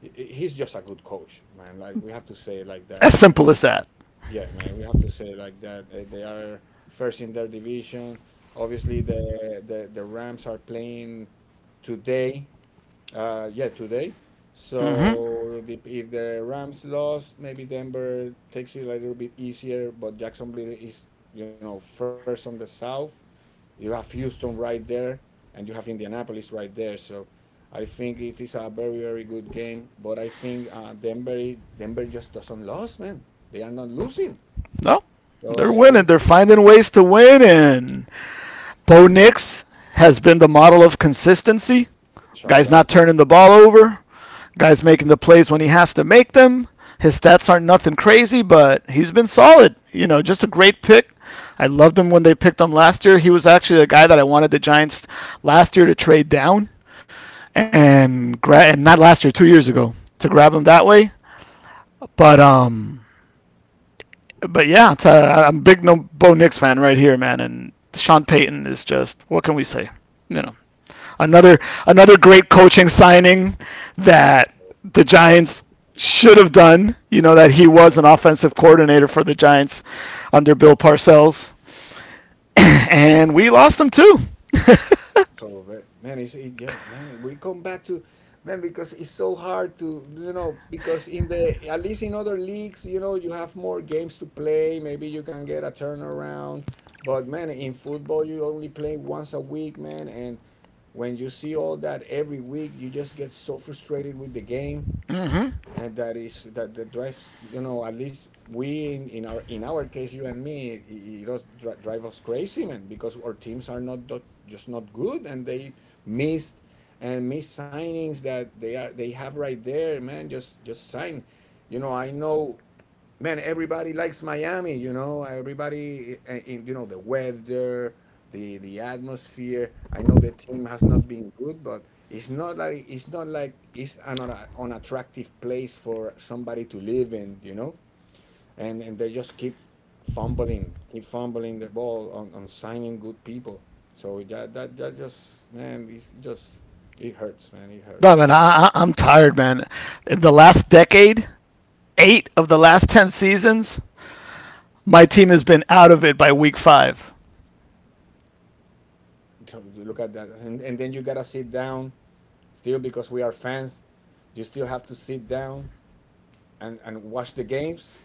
he's just a good coach, man. Like we have to say it like
As
that.
simple as that.
Yeah man, we have to say it like that. They are first in their division. Obviously the Rams are playing today. Yeah, today.
Mm-hmm.
So, the, if the Rams lost, maybe Denver takes it a little bit easier. But Jacksonville is, you know, first on the South. You have Houston right there, and you have Indianapolis right there. So I think it is a very, very good game. But I think Denver, Denver just doesn't lose, man. They are not losing.
No,
So
they're
I,
winning.
I
They're finding ways to win. And Bo Nix has been the model of consistency. Guy's
shout
not
out.
turning the ball over. Guy's making the plays when he has to make them. His stats aren't nothing crazy, but he's been solid. You know, just a great pick. I loved him when they picked him last year. He was actually a guy that I wanted the Giants last year to trade down and not last year, 2 years ago, to grab him that way. But um, but yeah, it's, I'm a big Bo Nix fan right here, man. And Sean Payton is just what can we say? You know, another
Yeah.
another great coaching signing that the Giants should have done. You know that he was an offensive coordinator for the Giants under Bill Parcells, and we lost him too.
So but, man, yeah, man. We come back to man because it's so hard to, you know, because in the, at least in other leagues, you know, you have more games to play. Maybe you can get a turnaround, but man, in football you only play once a week, man. And when you see all that every week, you just get so frustrated with the game,
Mm-hmm.
and that is that drives, you know, at least we in our case, you and me, it does drive us crazy, man, because our teams are not just not good, and they missed and missed signings that they have right there, man. Just sign, you know, I know, man, everybody likes Miami, you know, everybody, in, you know, the weather, the atmosphere. I know the team has not been good, but it's not like it's an unattractive place for somebody to live in, you know, and they just keep fumbling the ball on signing good people. So that just man, it's just it hurts, man, it
No
hurts.
man, I'm tired, man. In the last decade, eight of the last 10 seasons, my team has been out of it by week five.
To Look at that, and then you gotta sit down. Still, because we are fans, you still have to sit down and watch the games.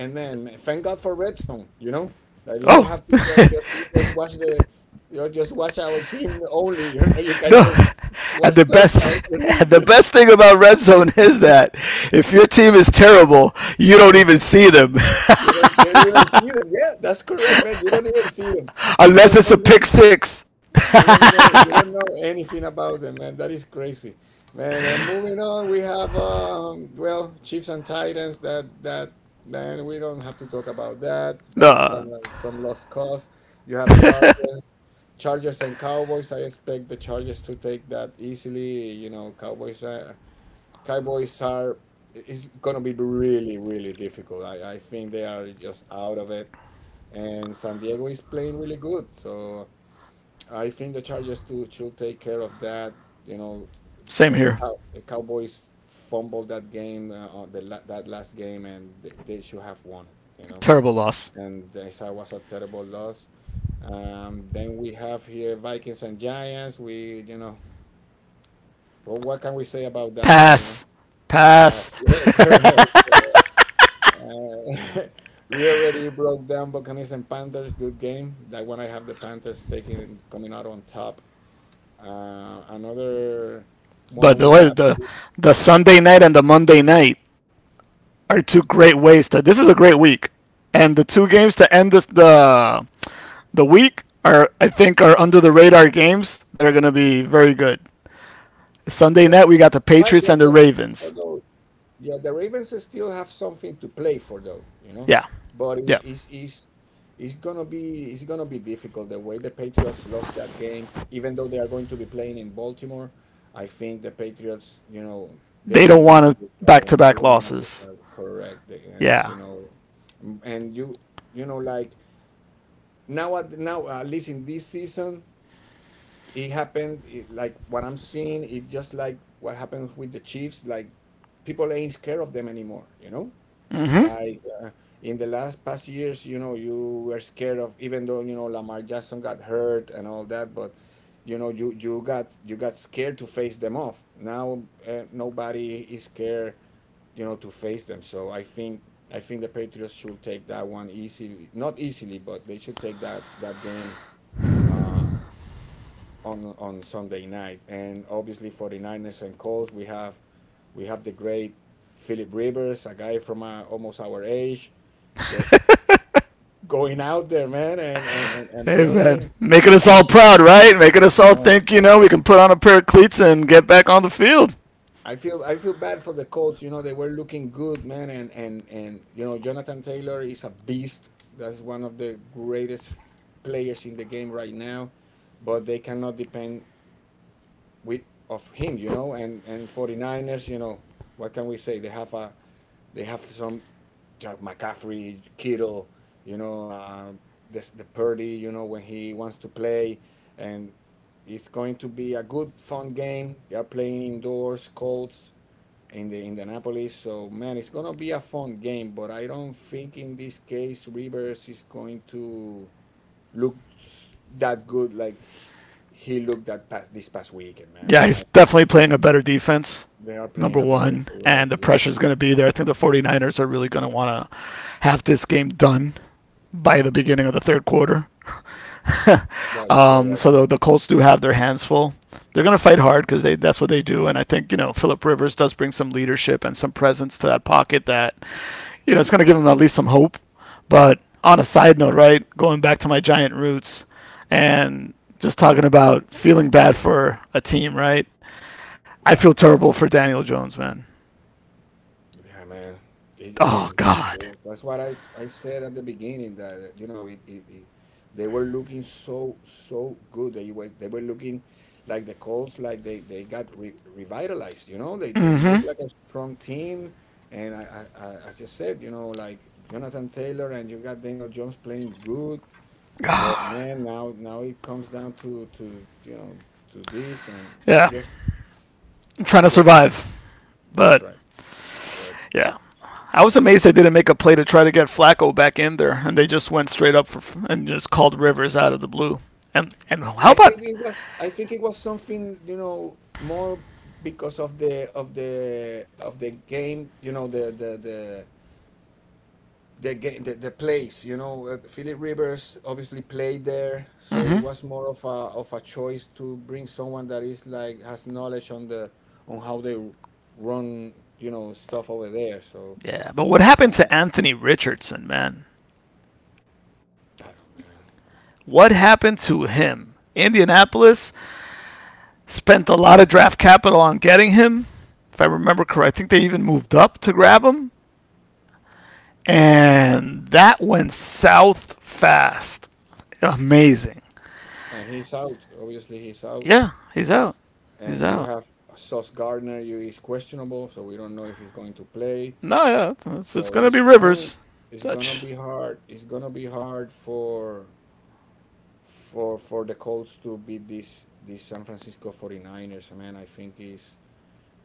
And man, thank God for Red Zone, you know, that you don't
Oh
have to just watch the, you know, just watch our team only. You know, you can
no.
just
And
watch
the
touchdowns.
best and the best thing about red zone is that if your team is terrible, you don't even see them
You don't even see them. Yeah, that's correct, man. You don't even see them. You
unless
just
it's a
don't
pick
know.
six.
You don't know, you don't know anything about them, man. That is crazy, man. And moving on, we have well, Chiefs and Titans. That that Then we don't have to talk about that. That is
Nah,
some lost cause. You have Chargers, Chargers and Cowboys. I expect the Chargers to take that easily. You know, Cowboys, Cowboys are, it's gonna be really, really difficult. I think they are just out of it, and San Diego is playing really good. So, I think the Chargers too should take care of that. You know,
same here.
The Cowboys fumbled that game, on the that last game, and they should have won it. You know,
Terrible loss.
and this was a terrible loss. Then we have here Vikings and Giants. We, you know, well, what can we say about that one? You know,
Pass, pass.
pass. Yeah, correct. Uh, we already broke down Buccaneers and Panthers. Good game. That one I have the Panthers taking, coming out on top. Another
But
one
the
we
way
have
the Sunday night and the Monday night are two great ways to. This is a great week, and the two games to end this the week are, I think, are under the radar games that are going to be very good. Sunday night we got the
The,
Patriots and the
although
Ravens.
yeah, the Ravens still have something to play for though, you know,
Yeah,
but
yeah.
it's gonna be, it's gonna be difficult the way the Patriots lost that game, even though they are going to be playing in Baltimore. I think the Patriots, you know, they are
They
not
don't
going to
want
lose that
back to
one. They
back
don't want to lose that
losses.
one. Correct. They- and you
Yeah.
know, and you know, like now at, now at least in this season, it happened, it, like what I'm seeing is just like what happened with the Chiefs, like people ain't scared of them anymore, you know, like in the last past years, you know, you were scared, of even though, you know, Lamar Jackson got hurt and all that, but you know, you got, you got scared to face them off. Now nobody is scared, you know, to face them. So I think, I think the Patriots should take that one easily, not easily, but they should take that game uh, on Sunday night. And obviously 49ers and Colts, we have the great Philip Rivers, a guy from our almost our age, just going out there, man, and, and
Hey, man.
playing.
Making us all proud, right? Making us all
Man,
think, we can put on a pair of cleats and get back on the field.
I feel bad for the Colts. You know, they were looking good, man, and and you know, Jonathan Taylor is a beast. That's one of the greatest players in the game right now, but they cannot depend with of him, you know, and 49ers, you know, what can we say? They have a, they have some, like McCaffrey, Kittle, you know, the Purdy, you know, when he wants to play. And it's going to be a good, fun game. They are playing indoors, Colts in the Indianapolis. So, man, it's going to be a fun game. But I don't think in this case Rivers is going to look that good like he looked that past, this past weekend, man.
Yeah,
I,
he's
I
definitely playing a better defense,
they are playing
number
a better,
one.
correct?
And the
Yeah,
pressure's going to be there. I think the 49ers are really going to want to have this game done by the beginning of the third quarter.
that is
um,
correct,
so the,
man.
the Colts do have their hands full. They're going to fight hard because they that's what they do. And I think, Phillip Rivers does bring some leadership and some presence to that pocket that it's going to give them at least some hope. But on a side note, right, going back to my giant roots and just talking about feeling bad for a team, right? I feel terrible for Daniel Jones, man.
Yeah, man. It, it,
Oh,
it,
God.
yes. That's what I said at the beginning, that you know, it, they were looking so so good. They were, they were looking like the Colts, like they got re revitalized. You know, they look like a strong team. And I just said, you know, like Jonathan Taylor, and you got Daniel Jones playing good. But man, now, now it comes down to, you know, to this, and it's
Yeah,
just,
I'm trying
it's
to
just
survive.
the
But
trend.
yeah, I was amazed they didn't make a play to try to get Flacco back in there, and they just went straight up for, and just called Rivers out of the blue. And how
I think
about,
it was, I think it was something, you know, more because of the of the of the game, you know, the game, the place, you know, Philip Rivers obviously played there, so it was more of a, of a choice to bring someone that is like has knowledge on the, on how they run, you know, stuff over there. So
yeah? But what
I
happened to Anthony Richardson, man?
don't know,
What happened to him? Indianapolis spent a lot of draft capital on getting him. If I remember correct, I think they even moved up to grab him, and that went south fast. Amazing.
man. And he's out. Obviously, he's out.
Yeah, he's out. He's
And you
out.
have Sauce Gardner, you is questionable, so we don't know if he's going to play.
No, yeah, it's,
So
gonna be Rivers.
it's gonna
Dutch,
be hard. It's gonna be hard for for the Colts to beat this San Francisco 49ers. Man,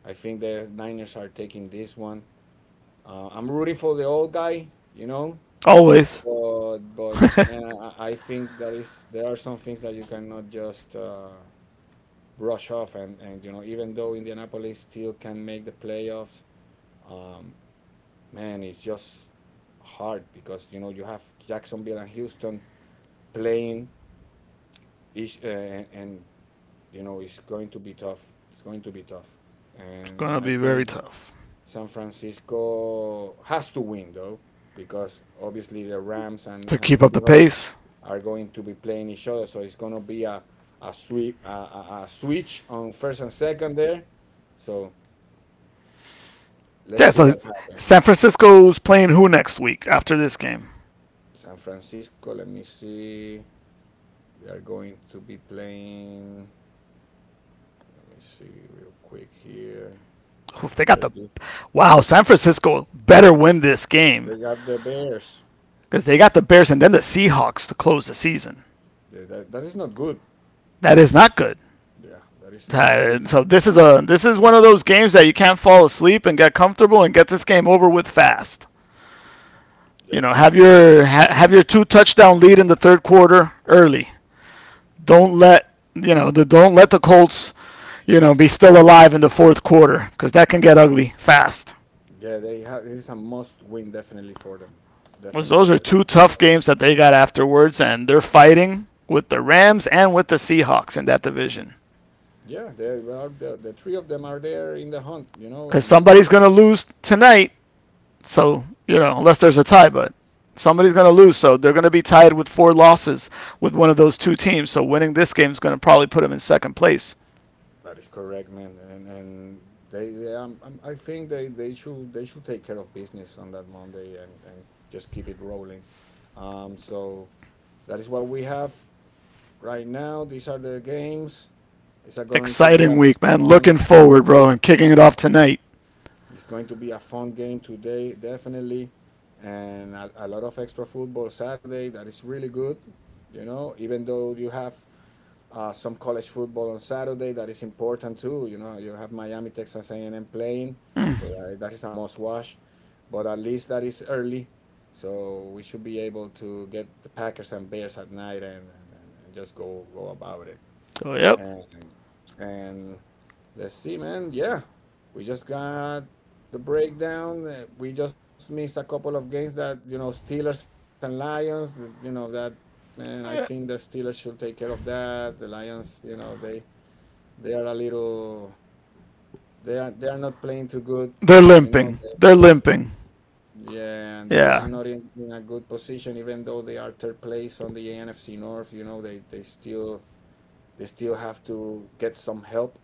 I think the Niners are taking this one. I'm rooting for the old guy, you know,
always.
but man, I think there are some things that you cannot just brush off. And you know, even though Indianapolis still can make the playoffs, um, man, it's just hard because you know you have Jacksonville and Houston playing each, and you know it's going to be tough. It's going to be tough,
It's gonna
and
be
I
very
think
tough
San Francisco has to win though, because obviously the Rams
to
and the
keep up the
Seahawks
pace.
are going to be playing each other, so it's going to be a a switch on first and second there. So, let's
Yeah,
see
so
what happens,
San
man.
Francisco's playing who next week after this game?
San Francisco, let me see. They are going to be playing. Let me see real quick here.
Oof, they got
After
the.
this,
Wow. San Francisco better win this game
they got the Bears.
because they got the Bears and then the Seahawks to close the season.
That, that is not good.
That is not good.
Yeah, that is not
Uh,
good, man.
so this is one of those games that you can't fall asleep and get comfortable and get this game over with fast. You
Yeah,
know,
man.
have your two touchdown lead in the third quarter early. Don't let you know the don't let the Colts be still alive in the fourth quarter because that can get ugly fast.
Yeah, they have. It is a must-win, definitely for them.
Because
Definitely
those are
for them.
two tough games that they got afterwards, and they're fighting with the Rams and with the Seahawks in that division.
Yeah, they are, the three of them are there in the hunt, you know,
Because
and
somebody's going to lose tonight. So, unless there's a tie, but somebody's going to lose. So they're going to be tied with four losses with one of those two teams. So winning this game is going to probably put them in second place.
that is correct, man. And they I think they should take care of business on that Monday, and just keep it rolling. So that is what we have right now. These are the games. It's a going to be
Exciting
a
week, man.
fun
Looking
fun
forward, bro,
week.
and kicking it off tonight.
It's going to be a fun game today, definitely, and a lot of extra football Saturday. That is really good, you know. Even though you have some college football on Saturday. That is important too. You know, you have Miami, Texas A&M playing, so that, that is a must watch. But at least that is early, so we should be able to get the Packers and Bears at night, and, and just go go about it.
So, yep.
And and let's see, man. Yeah, we just got the breakdown. We just missed a couple of games, that you know, Steelers and Lions. You know that, man. I think the Steelers should take care of that. The Lions, you know, they are a little, they are, they are not playing too good.
They're
You know,
limping.
they,
They're limping.
yeah, and they are
Yeah,
not in, in a good position. Even though they are third place on the NFC North, you know, they still, they still have to get some help.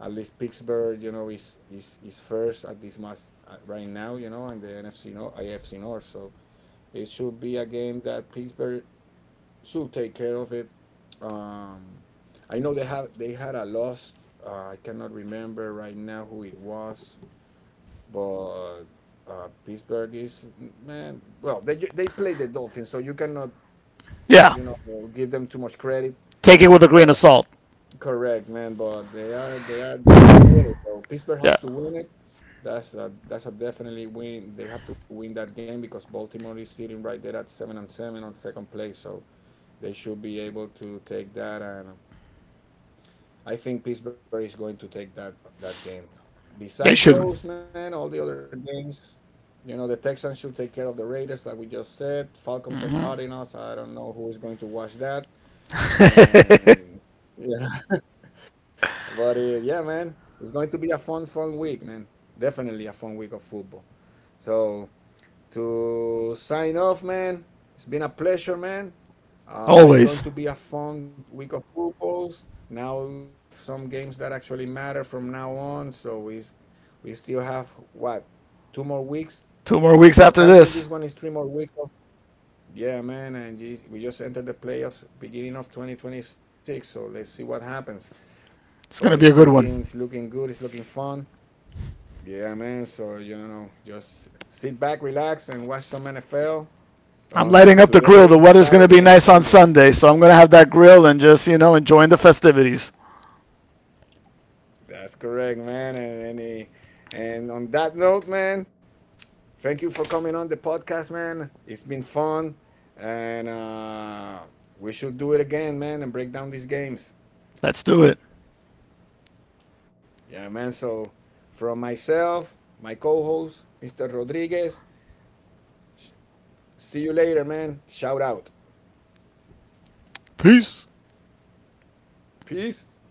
At least Pittsburgh, you know, is is first at this match, right now, you know, and the NFC North, AFC North. So it should be a game that Pittsburgh should take care of it. Um, I know they had a loss. I cannot remember right now who it was, but Pittsburgh is, man. Well, they play the Dolphins, so you cannot,
yeah.
you know, give them too much credit.
Take it with a grain of salt.
Correct, man, but they are, they are, they have to win it though. Pittsburgh
Yeah,
has to win it. That's a, that's a definitely win. They have to win that game because Baltimore is sitting right there at seven and seven on second place, so they should be able to take that. And I think Pittsburgh is going to take that game.
they
Besides
should
those, man, all the other games, you know, the Texans should take care of the Raiders, like we just said. Falcons and Cardinals. I don't know who is going to watch that. And but yeah, man, it's going to be a fun, fun week, man. Definitely a fun week of football. So, to sign off, man, it's been a pleasure, man. It's going
always.
to be a fun week of footballs. Now you have some games that actually matter from now on. So we still have what, two more weeks.
2 more weeks
Well,
after
counting
this,
this one is three more weeks. Yeah, man, and we just entered the playoffs beginning of 2026, so let's see what happens. But
it's going to be
it's
a good
looking
one.
good. It's looking fun. Yeah, man. So you know, just sit back, relax, and watch some NFL
I'm
on
lighting up the
today,
grill. The weather's
Saturday,
going
and
to be nice
Sunday.
on Sunday, so I'm going to have that grill and just, enjoying the festivities.
That's correct, man. And on that note, man, thank you for coming on the podcast, man. It's been fun, and we should do it again, man, and break down these games.
Let's do it.
Yeah, man. So from myself, my co-host, Mr. Rodriguez. See you later, man. Shout out.
Peace.
Peace.